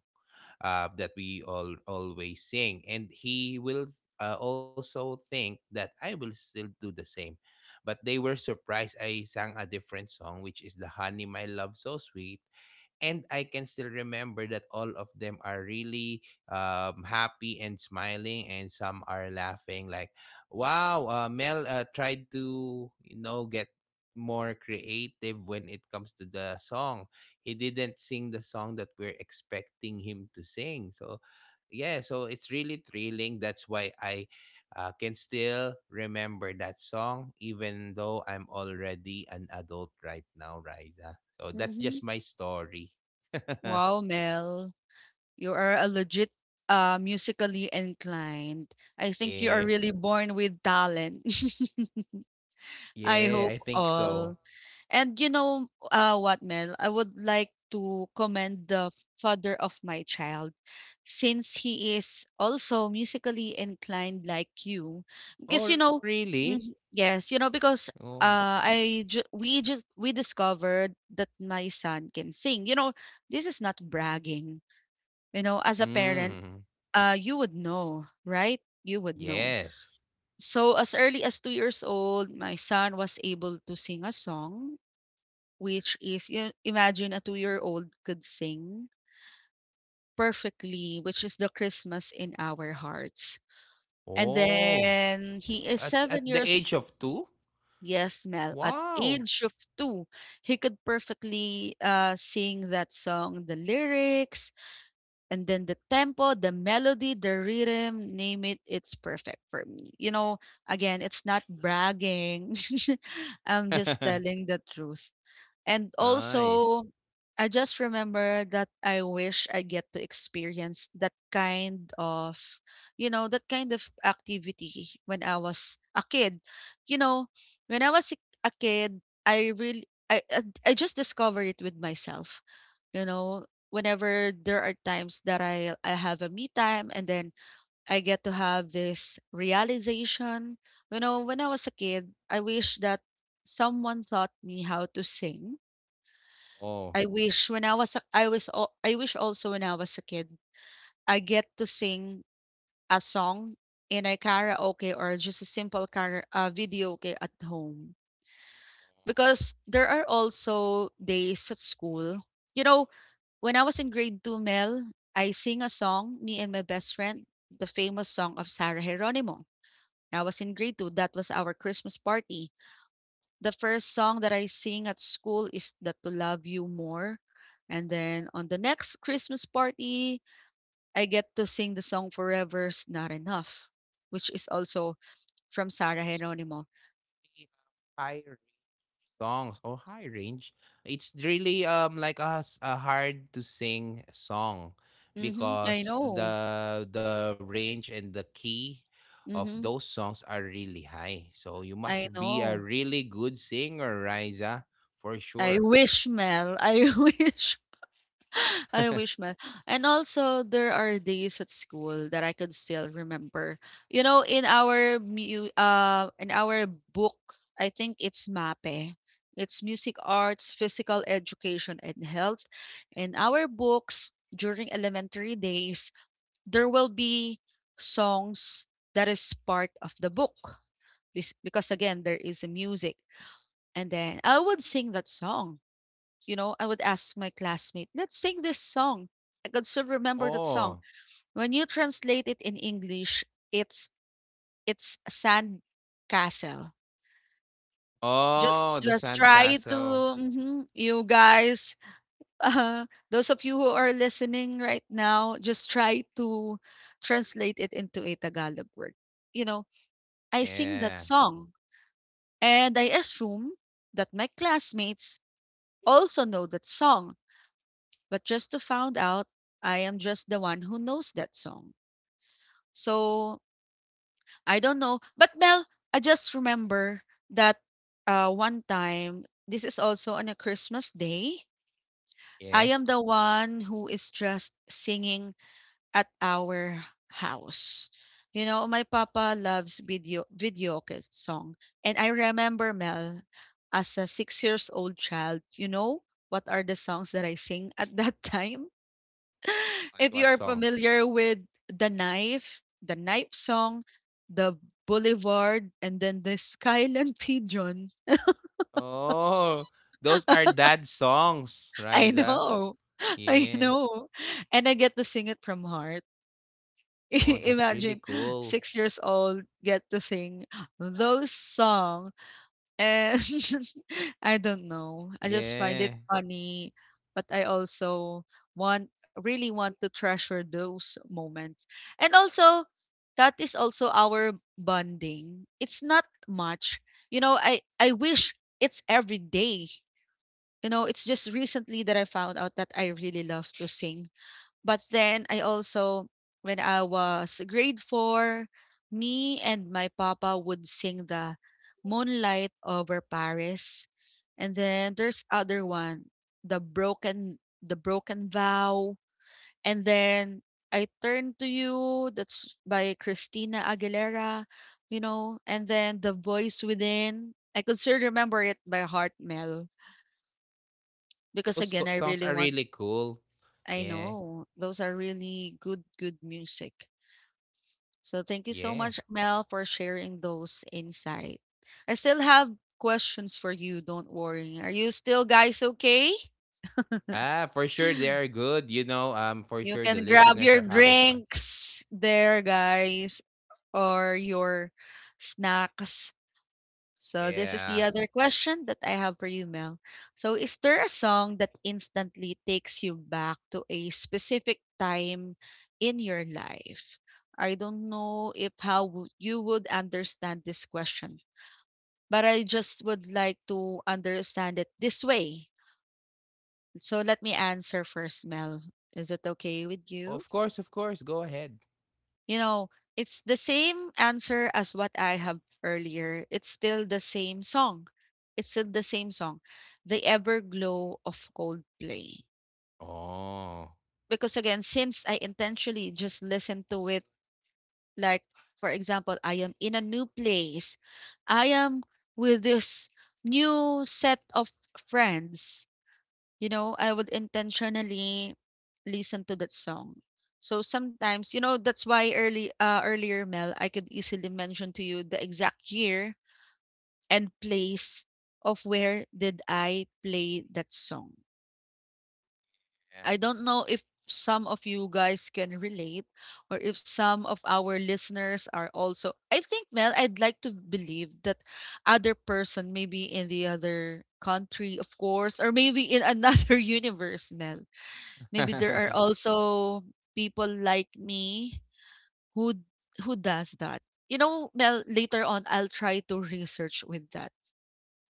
S2: that we all always sing, and he will also think that I will still do the same, but they were surprised I sang a different song, which is the Honey My Love So Sweet. And I can still remember that all of them are really happy and smiling, and some are laughing like, "Wow, Mel tried to get" more creative when it comes to the song. He didn't sing the song that we're expecting him to sing. So yeah, so it's really thrilling. That's why I can still remember that song, even though I'm already an adult right now, Riza. So that's
S1: mhm.
S2: just my story. [LAUGHS]
S1: Wow, Mel, you are a legit musically inclined. I think you are
S2: Yeah.
S1: really born with talent. [LAUGHS] I
S2: Yeah,
S1: hope
S2: I think
S1: all.
S2: so.
S1: And you know, what, Mel? I would like to commend the father of my child since he is also musically inclined like you. Because,
S2: Oh,
S1: you know,
S2: really?
S1: mhm, yes, you know, because
S2: Oh.
S1: I ju- we just we discovered that my son can sing. You know, this is not bragging. You know, as a parent,
S2: Mm.
S1: you would know, right? You would know.
S2: Yes.
S1: So as early as 2 years old, my son was able to sing a song, which is you imagine a two-year-old could sing perfectly, which is the Christmas in our hearts. And
S2: Oh.
S1: then
S2: T-
S1: he is
S2: At, at
S1: seven
S2: the
S1: years.
S2: age of two?
S1: Yes, Mel. At
S2: Wow.
S1: age of 2, he could perfectly sing that song, the lyrics, and then the tempo, the melody, the rhythm. Name it. It's perfect for me. You know, again, it's not bragging. [LAUGHS] I'm just telling
S2: [LAUGHS]
S1: the truth. And also,
S2: Nice.
S1: I just remember that I wish I get to experience that kind of, you know, that kind of activity when I was a kid. You know, when I was a kid, I really, I just discovered it with myself. You know, whenever there are times that I have a me time and then I get to have this realization. You know, when I was a kid, I wish that someone taught me how to sing.
S2: Oh.
S1: I wish when I was a I was al I wish also when I was a kid, I get to sing a song in a karaoke or just a simple kara videoke at home. Because there are also days at school, you know, when I was in grade 2, Mel, I sing a song, me and my best friend, the famous song of Sarah Geronimo. When I was in grade 2, that was our Christmas party. The first song that I sing at school is the To Love You More. And then on the next Christmas party, I get to sing the song Forever's Not Enough, which is also from Sarah Geronimo.
S2: Hi, songs. Oh, high range. It's really like a hard to sing song
S1: Mm-hmm, I
S2: because
S1: know.
S2: the range and the key of
S1: Mm-hmm,
S2: those songs are really high. So you must
S1: I
S2: be a
S1: know.
S2: really good singer, Riza, for
S1: I
S2: sure.
S1: wish, Mel. I [LAUGHS] wish. [LAUGHS] I wish,
S2: [LAUGHS]
S1: man. And also, there are days at school that I could still remember. You know, in our book, I think it's MAPE. It's music arts, physical education, and health. In our books during elementary days, there will be songs that is part of the book. Because again, there is a music, and then I would sing that song. You know, I would ask my classmate, let's sing this song. I could still remember that song.
S2: Oh.
S1: When you translate it in English, it's sand castle. Just
S2: Oh, the
S1: just try to
S2: sandcastle.
S1: mhm, you guys, [LAUGHS] uh, those of you who are listening right now, just try to translate it into a Tagalog word. You know, I sing that
S2: Yeah.
S1: song and I assume that my classmates also know that song. But just to found out, I am just the one who knows that song. So I don't know. But Mel, I just remember that one time, this is also on a Christmas day. I
S2: Yeah.
S1: am the one who is just singing at our house. You know, my papa loves video song. And I remember Mel, as a 6 years old child, you know what are the songs that I sing at that [LAUGHS] time? [LAUGHS]
S2: What
S1: If you
S2: what
S1: are
S2: songs?
S1: familiar with The Knife, The Knife Song, The Boulevard, and then The Skyland [LAUGHS] Pigeon.
S2: Oh, those are dad songs,
S1: I
S2: Riza.
S1: know. [LAUGHS] I
S2: Yeah.
S1: know. And I get to sing it from heart.
S2: Oh,
S1: [LAUGHS]
S2: that's really
S1: Imagine
S2: cool.
S1: 6 years old get to sing those songs. And [LAUGHS] I don't know. I just find it
S2: Yeah.
S1: funny, but I also want really want to treasure those moments. And also, that is also our bonding. It's not much. You know, I wish it's every day. You know, it's just recently that I found out that I really love to sing, but then I also, when I was grade four, me and my papa would sing the Moonlight over Paris. And then there's other one, the broken vow. And then I turn to you. That's by Christina Aguilera, you know. And then the voice within. I could still remember it by heart, Mel, because
S2: Those
S1: again,
S2: co-
S1: I
S2: songs
S1: really
S2: are
S1: want.
S2: really cool.
S1: I
S2: Yeah.
S1: know those are really good, good music. So thank you so
S2: Yeah.
S1: much, Mel, for sharing those insight. I still have questions for you. Don't worry. Are you still guys okay?
S2: Ah, for sure they are
S1: [SIGHS]
S2: good, you know. For
S1: You
S2: sure the
S1: can grab
S2: listeners
S1: your
S2: are having fun.
S1: drinks there, guys, or your snacks. So this is the
S2: Yeah.
S1: other question that I have for you, Mel. So is there a song that instantly takes you back to a specific time in your life? I don't know if you would understand this question, but I just would like to understand it this way. So let me answer first, Mel. Is it okay with you?
S2: Of course, of course. Go ahead.
S1: You know, it's the same answer as what I have earlier. It's still the same song. It's still the same song, The Everglow of Coldplay.
S2: Oh.
S1: Because again, since I intentionally just listen to it, like, for example, I am in a new place, I am with this new set of friends. You know, I would intentionally listen to that song. So sometimes, you know, that's why early earlier Mel, I could easily mention to you the exact year and place of where did I play that song. I don't know if some of you guys can relate, or if some of our listeners are also, I think Mel, I'd like to believe that other person maybe in the other country, of course, or maybe in another [LAUGHS] universe Mel. Maybe there
S2: Yeah.
S1: are
S2: [LAUGHS]
S1: also people like me who does that. You know, Mel, later on I'll try to research with that.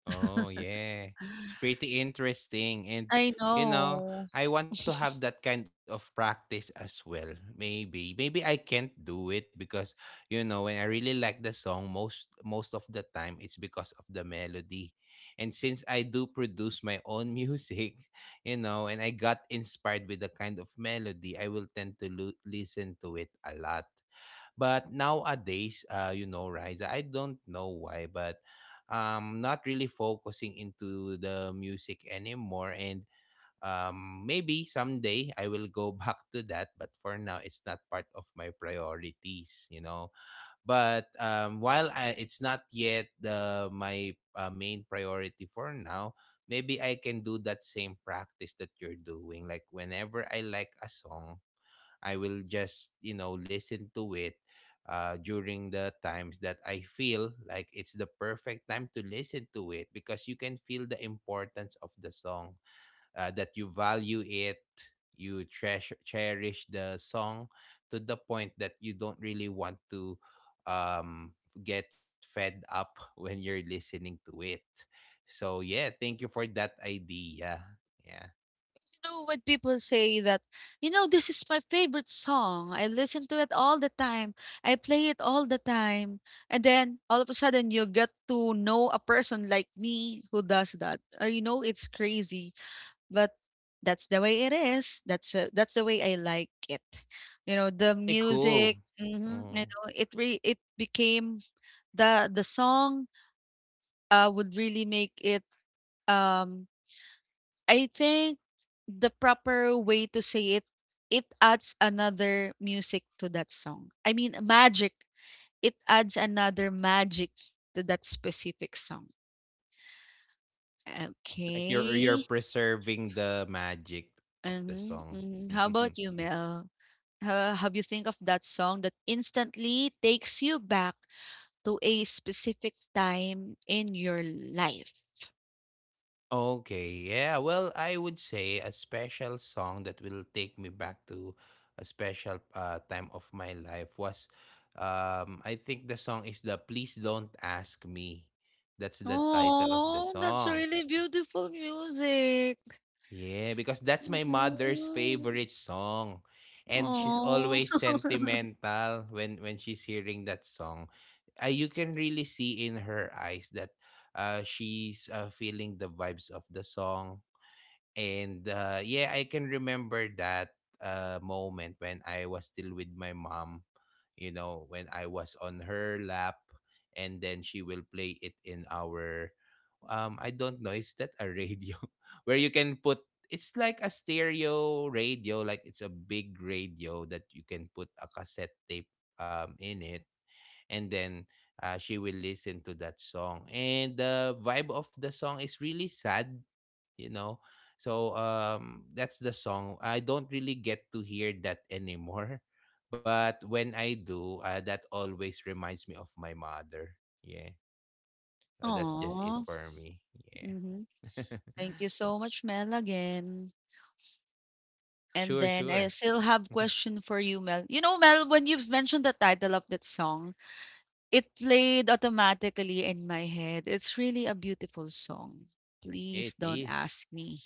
S2: Oh, yeah. It's pretty interesting. And,
S1: I
S2: you know,
S1: know.
S2: I want to have that kind of practice as well. Maybe. Maybe I can't do it because, you know, when I really like the song, most of the time it's because of the melody. And since I do produce my own music, [LAUGHS] you know, and I got inspired with the kind of melody, I will tend to listen to it a lot. But nowadays, you know, Riza, I don't know why, but not really focusing into the music anymore. And maybe someday I will go [LAUGHS] back to that, but for now, it's not part of my priorities, you know. But it's not yet the my main priority for now, maybe I can do that same practice that you're doing. Like whenever I like a song, I will just, you know, listen to it during the times that I feel like it's the perfect time to listen to it, because you can feel the importance of the song, that you value it, you treasure, cherish the song to the point that you don't really want to um, get fed up [LAUGHS] when you're listening to it. So, yeah, thank you for that idea. Yeah,
S1: You know what people say that, you know, this is my favorite song. I listen to it all the time. I play it all the time. And then all of a sudden you get to know a person like me who does that. You know, it's crazy. But that's the way it is. That's the way I like it. You know, the
S2: really cool.
S1: music, mhm,
S2: Mm.
S1: you know, it became the song would really make it um I think the proper way to say it, it adds another music to that song. I mean, magic. It adds another magic to that specific song.
S2: Like you're
S1: Okay.
S2: preserving the magic of the
S1: Mm-hmm,
S2: song.
S1: mm-hmm. How about
S2: [LAUGHS]
S1: you, Mel? Have you think of that song that instantly takes you back to a specific time in your life?
S2: Okay, yeah. Well, I would say a special song that will take me back to a special time of my life was I think the song is the Please Don't Ask Me. That's the title of the
S1: Oh, that's
S2: song.
S1: really beautiful music.
S2: Yeah, because that's my mother's favorite song. And she's
S1: Oh,
S2: always
S1: [LAUGHS]
S2: sentimental when she's hearing that song. You can really see in her eyes that she's feeling the vibes of the song. And yeah, I can remember that moment when I was still with my mom, you know, when I was on her lap, and then she will play it in our, I don't know, is that a radio [LAUGHS] where you can put it's like a stereo radio, like it's a big radio that you can put a cassette tape in it, and then she will listen to that song. And the vibe of the song is really sad, you know. So that's the song. I don't really get to hear that anymore, [LAUGHS] but when I do, that always reminds me of my mother. Yeah, so that's just it
S1: oh.
S2: for me.
S1: Hmm.
S2: Yeah.
S1: Thank you so much, Mel, again.
S2: [LAUGHS] Oh,
S1: And
S2: sure,
S1: then I
S2: sure.
S1: still have
S2: [LAUGHS]
S1: question for you, Mel. You know, Mel, when you've mentioned the title of that song, it played automatically in my head. It's really a beautiful song.
S2: Yeah, it
S1: Please don't
S2: is.
S1: ask me.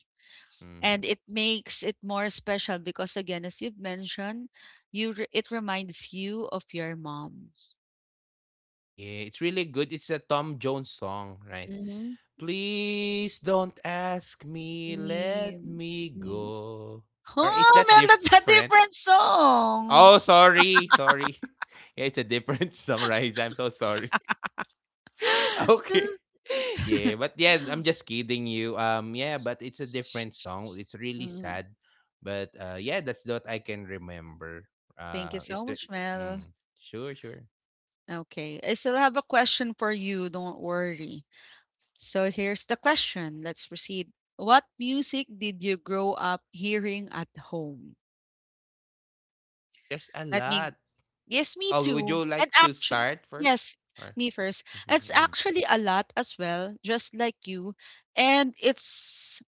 S1: And
S2: Mhm.
S1: it makes it more special because again, as you've mentioned, it reminds you of your mom.
S2: Yeah, it's really good. It's a Tom Jones song, right?
S1: Mm-hmm.
S2: Please don't ask me, let
S1: Mm,
S2: me
S1: mm.
S2: go. Or is
S1: Oh
S2: that
S1: man, that's a
S2: different?
S1: different song.
S2: Oh, sorry, sorry. [LAUGHS] Yeah, it's a different [LAUGHS] sunrise. I'm so sorry. [LAUGHS] Okay. [LAUGHS] Yeah, but
S1: [LAUGHS]
S2: yeah, I'm just kidding you. Yeah, but it's a different song. It's really
S1: Mm.
S2: sad, but yeah, that's what I can remember.
S1: Thank you
S2: Uh, it.
S1: so
S2: tur-
S1: much, Mel.
S2: Mm, sure, sure.
S1: Okay, I still have a question for you. Don't worry. So here's the question. Let's proceed. What music did you grow up hearing at home?
S2: There's a
S1: Let me—
S2: lot.
S1: Yes, me
S2: Oh, would
S1: too.
S2: you
S1: And
S2: like to
S1: actually,
S2: start first?
S1: yes,
S2: Or
S1: me first. It's actually
S2: [LAUGHS]
S1: a lot as well, just like you. And it's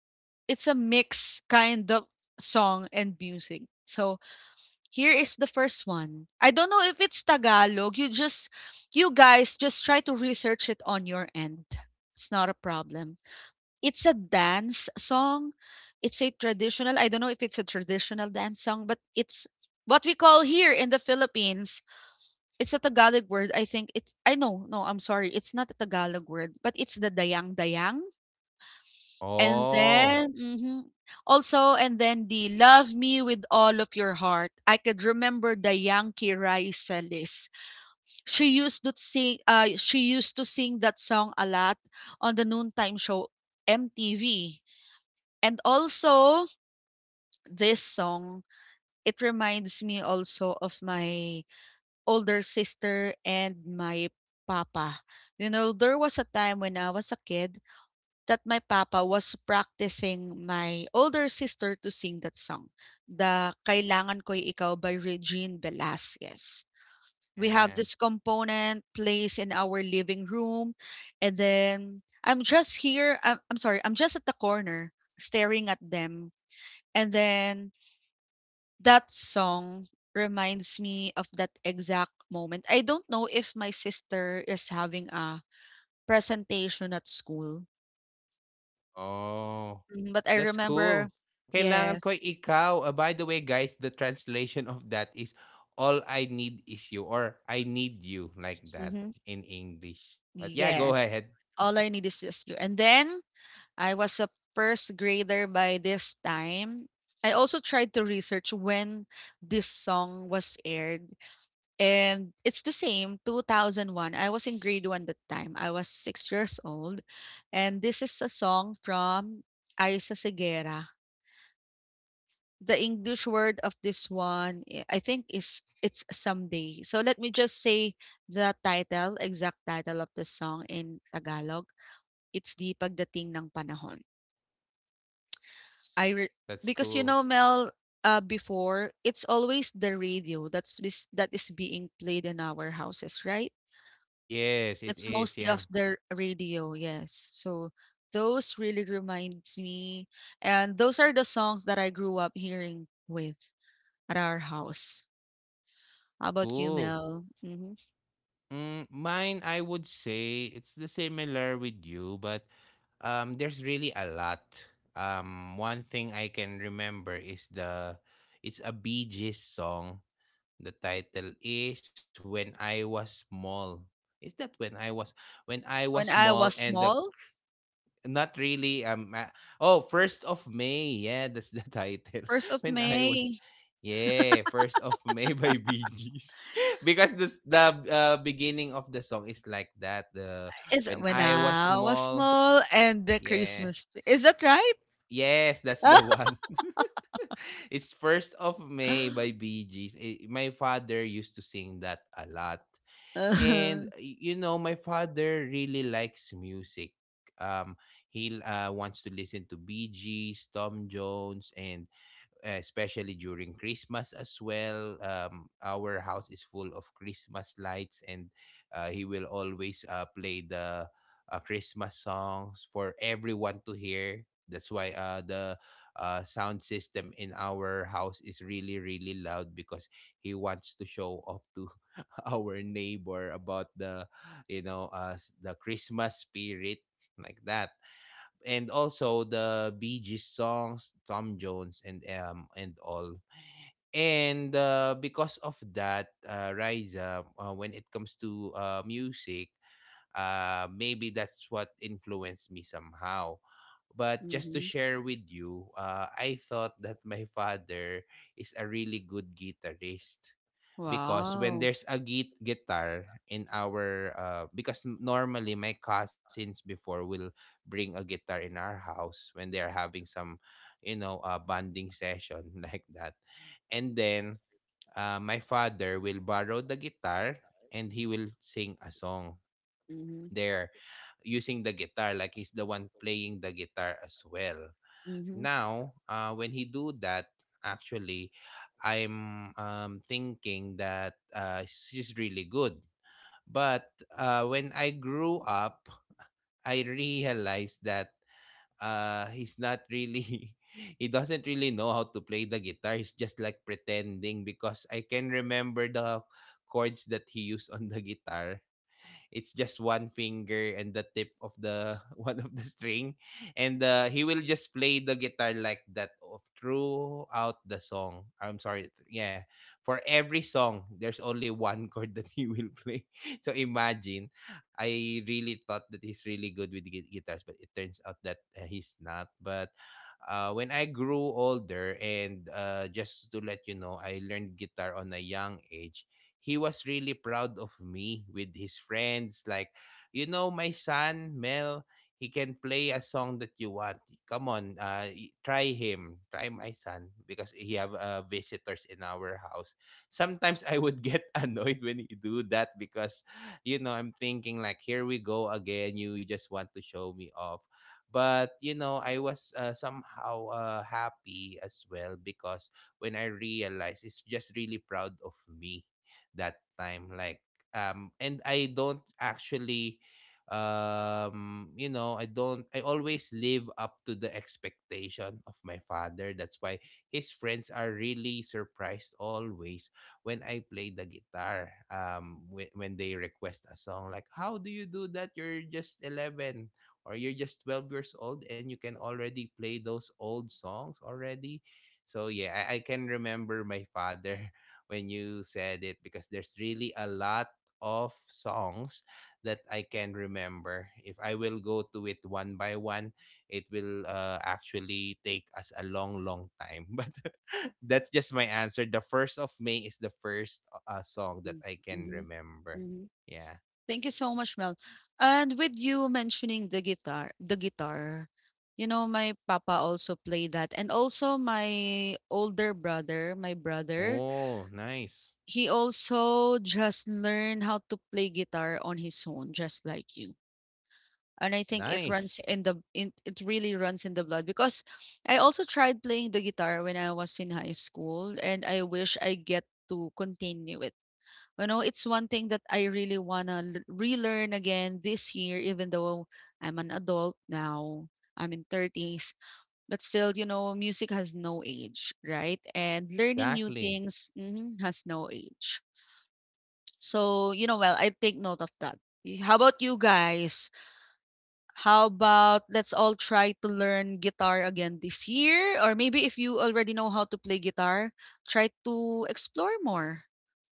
S1: it's a mix kind of song and music. So here is the first one. I don't know if it's Tagalog. You guys just try to research it on your end. It's not a problem. It's a dance song. It's a traditional, I don't know if it's a traditional dance song, but it's what we call here in the Philippines. It's a Tagalog word. I think it's I know, no, I'm sorry. It's not a Tagalog word, but it's the dayang dayang. And
S2: oh,
S1: then mhm, also, and then the love me with all of your heart. I could remember Dayang Kiraiselis. She used to sing that song a lot on the noontime show MTV. And also, this song, it reminds me also of my older sister and my papa. You know, there was a time when I was a kid that my papa was practicing my older sister to sing that song, the Kailangan Ko'y Ikaw by Regine Velasquez. We have
S2: yeah.
S1: this component placed in our living room, and then I'm just here. I'm sorry, I'm just at the corner staring at them. And then that song reminds me of that exact moment. I don't know if my sister is having a presentation at school,
S2: Oh,
S1: mm, but I
S2: that's
S1: remember.
S2: cool. Kailangan
S1: Yes.
S2: ko ikaw. Ah, by the way, guys, the translation of that is all I need is you, or I need you, like that
S1: Mhm.
S2: in English. But yeah, go
S1: Yes.
S2: ahead.
S1: All I need is just you. And then I was a first grader by this time. I also tried to research when this song was aired. And it's the same, 2001. I was in grade one that time. I was 6 years old. And this is a song from Isa Segera. The English word of this one, eh, I think, is it's someday. So let me just say exact title of the song in Tagalog. It's the pagdating ng panahon. I re-—
S2: That's
S1: because you
S2: cool.
S1: know Mel, before it's always the radio that's that is being played in our houses, right?
S2: Yes, it
S1: It's
S2: is.
S1: mostly
S2: Yeah.
S1: of the radio, yes. So those really reminds me, and those are the songs that I grew up hearing with at our house. How about you,
S2: Cool.
S1: Mel? Mhm.
S2: Mm, mine, I would say it's the similar with you, but there's really a lot. One thing I can remember is the it's a Bee Gees song. The title is When I Was Small. Is that when I was
S1: When
S2: small
S1: I was
S2: and the
S1: small,
S2: not really oh, first of May, yeah, that's the title.
S1: first
S2: [LAUGHS]
S1: of
S2: When I was
S1: May
S2: yeah, first of May by Bee Gees. [LAUGHS] Because the beginning of the song is like that, the
S1: is
S2: when
S1: when
S2: I was
S1: I was
S2: small.
S1: small and the
S2: Yeah,
S1: Christmas tree. Is that right?
S2: yes, that's the
S1: [LAUGHS]
S2: one. [LAUGHS] [LAUGHS] It's first of May by
S1: Hmm.
S2: Bee Gees. Eh, my father used to sing that a lot. And you know, my father really likes music. Um, he wants to listen to B Gees, Tom Jones, and especially during Christmas as well. Our house is full of Christmas lights, and he will always play the Christmas songs for everyone to hear. That's why the sound system in our house is really, really loud, because he wants to show off to [LAUGHS] our neighbor about the, you know, the Christmas spirit like that. And also the Bee Gees songs, Tom Jones, and all. And because of that, Riza, when it comes to music, maybe that's what influenced me somehow. But just to share with you, I thought that my father is a really good guitarist, because when
S1: Wow.
S2: there's a git guitar in our because normally my cousins before will bring a guitar in our house when they are having some, you know, bonding session [LAUGHS] like that, and then my father will borrow the guitar and he will sing a song there using the guitar, like he's the one playing the guitar as well. Now when he do that, actually I'm thinking that she's really good. But when I grew up, I realized that he's not really [LAUGHS] he doesn't really know how to play the guitar, he's just like pretending, because I can remember the chords that he used on the guitar. It's just one finger and the tip of the [LAUGHS] one of the string, and he will just play the guitar like that of throughout the song, I'm sorry. Yeah, for every song there's only one [LAUGHS] chord that he will play. [LAUGHS] So imagine, I really thought that he's really good with guitars, but it turns out that he's not. But when I grew older, and just to let you know, I learned guitar on a young age, he was really proud of me with his friends. Like, you know, my son, Mel, he can play a song that you want. Come on, try him. Try my son, because he have visitors in our house. Sometimes I would get [LAUGHS] annoyed when he do that, because, you know, I'm thinking like, here we go again. You just want to show me off. But, you know, I was somehow happy as well, because when I realized it's just really proud of me that time. Like and I don't actually you know, I don't, I always live up to the expectation of my father, that's why his friends are really surprised always when I play the guitar. When they request a song, like, how do you do that? You're just 11, or you're just 12 years old and you can already play those old songs already. So yeah, I can remember my father. When you said it, because there's really a lot of songs that I can remember. If I will go to it one by one, it will actually take us a long, long time. [LAUGHS] But that's just my answer. The first of May is the first song that I can remember.
S1: Mm-hmm.
S2: Yeah.
S1: Thank you so much, Mel. And with you mentioning the guitar, you know, my papa also played that. And also my brother,
S2: Oh, nice.
S1: he also just learned how to play guitar on his own, just like you. And I think it runs
S2: Nice.
S1: in it really runs in the blood, because I also tried playing the guitar when I was in high school and I wish I get to continue it. You know, it's one thing that I really wanna relearn again this year, even though I'm an adult now. I'm in 30s, but still, you know, music has no age, right? And learning new
S2: Exactly.
S1: things mhm, has no age. So, you know, well, I take note of that. How about you guys? How about let's all try to learn guitar again this year? Or maybe if you already know how to play guitar, try to explore more,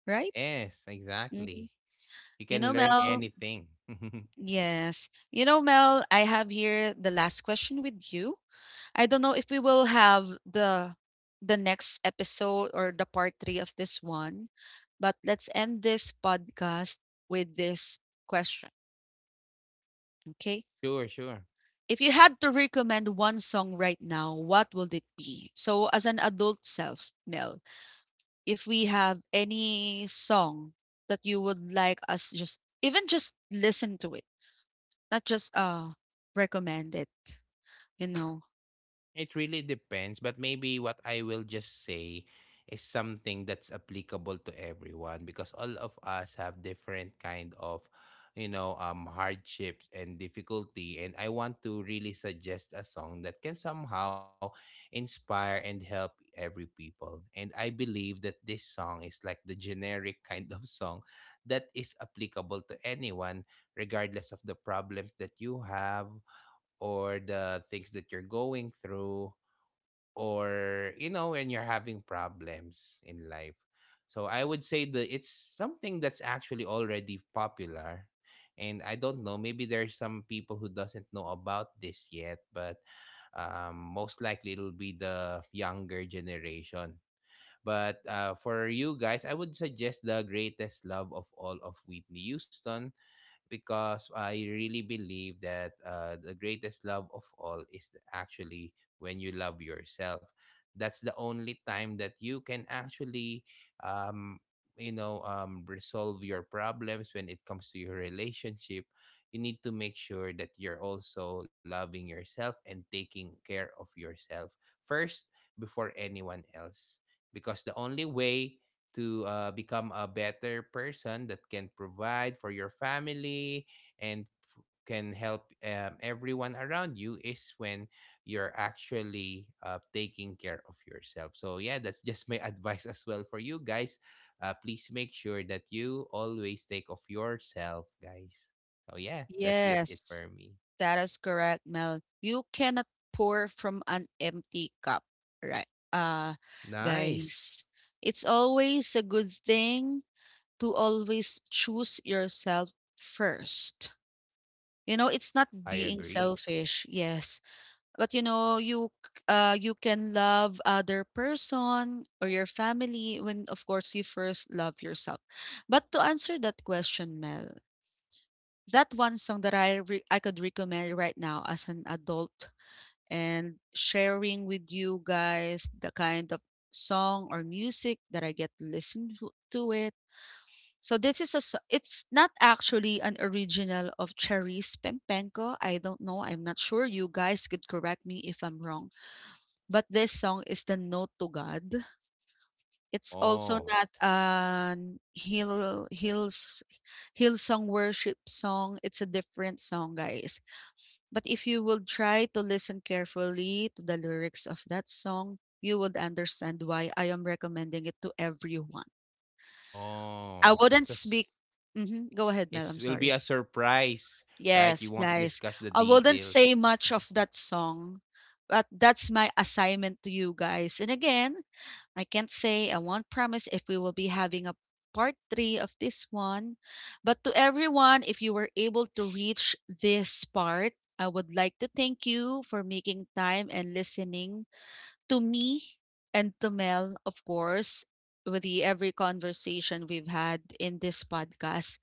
S1: right?
S2: Yes,
S1: Mhm.
S2: exactly. You
S1: You
S2: can
S1: know,
S2: learn
S1: Mel.
S2: anything. [LAUGHS]
S1: Yes. You know, Mel, I have here the last question with you. I don't know if we will have the next episode or the part 3 of this one, but let's end this podcast with this question, okay?
S2: Sure, sure.
S1: If you had to recommend one song right now, what would it be? So as an adult self, Mel, if we have any song that you would like us just even just listen to it, not just recommend it, you know.
S2: It really depends, but maybe what I will just say is something that's applicable to everyone, because all of us have different kind of, you know, hardships and difficulty. And I want to really suggest a song that can somehow inspire and help every people, and I believe that this song is like the generic [LAUGHS] kind of song that is applicable to anyone regardless of the problems that you have, or the things that you're going through, or, you know, when you're having problems in life. So I would say that it's something that's actually already popular, and I don't know, maybe there's some people who doesn't know about this yet, but most likely it'll be the younger generation. But for you guys, I would suggest the Greatest Love of All of Whitney Houston, because I really believe that the greatest love of all is actually when you love yourself. That's the only time that you can actually, um, you know, resolve your problems when it comes to your relationship. You need to make sure that you're also loving yourself and taking care of yourself first before anyone else. Because the only way to become a better person that can provide for your family and can help everyone around you is when you're actually taking care of yourself. So, yeah, that's just my [LAUGHS] advice as well for you guys. Please make sure that you always take of yourself, guys. So, yeah, that's just it
S1: Yes,
S2: for me.
S1: that is correct, Mel. You cannot pour from an empty cup, right? Uh,
S2: Nice.
S1: guys, it's always a good thing to always choose yourself first. You know, it's not
S2: I
S1: being
S2: agree.
S1: selfish, yes, but you know, you can love other person or your family when of course you first love yourself. But to answer that question, Mel, that one song that I could recommend right now as an adult and sharing with you guys the kind of song or music that I get to listen to it. So this is a so-— it's not actually an original of Cherise Pempenko. I don't know. I'm not sure. You guys could correct me if I'm wrong. But this song is the Note to God. It's also
S2: Oh,
S1: not an hill hill song worship song. It's a different song, guys, but if you will try to listen carefully to the lyrics of that song, you would understand why I am recommending it to everyone. I
S2: oh,
S1: wouldn't
S2: it's a
S1: speak. Hmm. Go ahead,
S2: it
S1: Mel. I'm
S2: will be
S1: sorry.
S2: a surprise, right?
S1: Yes,
S2: You won't
S1: guys.
S2: discuss the
S1: I wouldn't
S2: details.
S1: say much
S2: Mhm.
S1: of that song, but that's my assignment to you guys. And again, I can't say, I won't promise if we will be having a part three of this one. But to everyone, if you were able to reach this part, I would like to thank you for making time and listening to me and to Mel, of course, with the every conversation we've had in this podcast.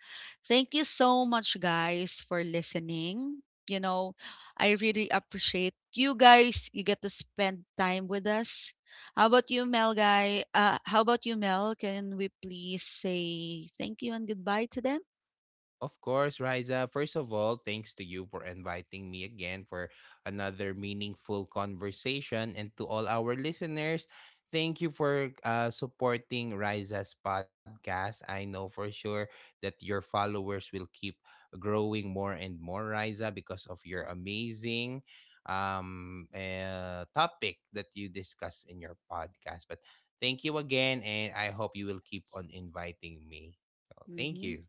S1: Thank you so much, guys, for listening. You know, I really appreciate you guys. You get to spend time with us. How about you, Mel guy? How about you, Mel? Can we please say thank you and goodbye to them?
S2: Of course, Riza. First of all, thanks to you for inviting me again for another meaningful conversation. And to all our listeners, thank you for supporting Riza's podcast. I know for sure that your followers will keep growing more and more, Riza, because of your amazing topic that you discuss in your podcast. But thank you again, and I hope you will keep on inviting me. So, thank you.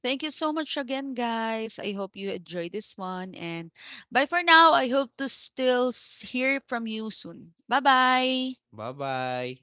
S1: Thank you so much again, guys. I hope you enjoy this one. And bye for now. I hope to hear from you soon. Bye bye.
S2: Bye bye.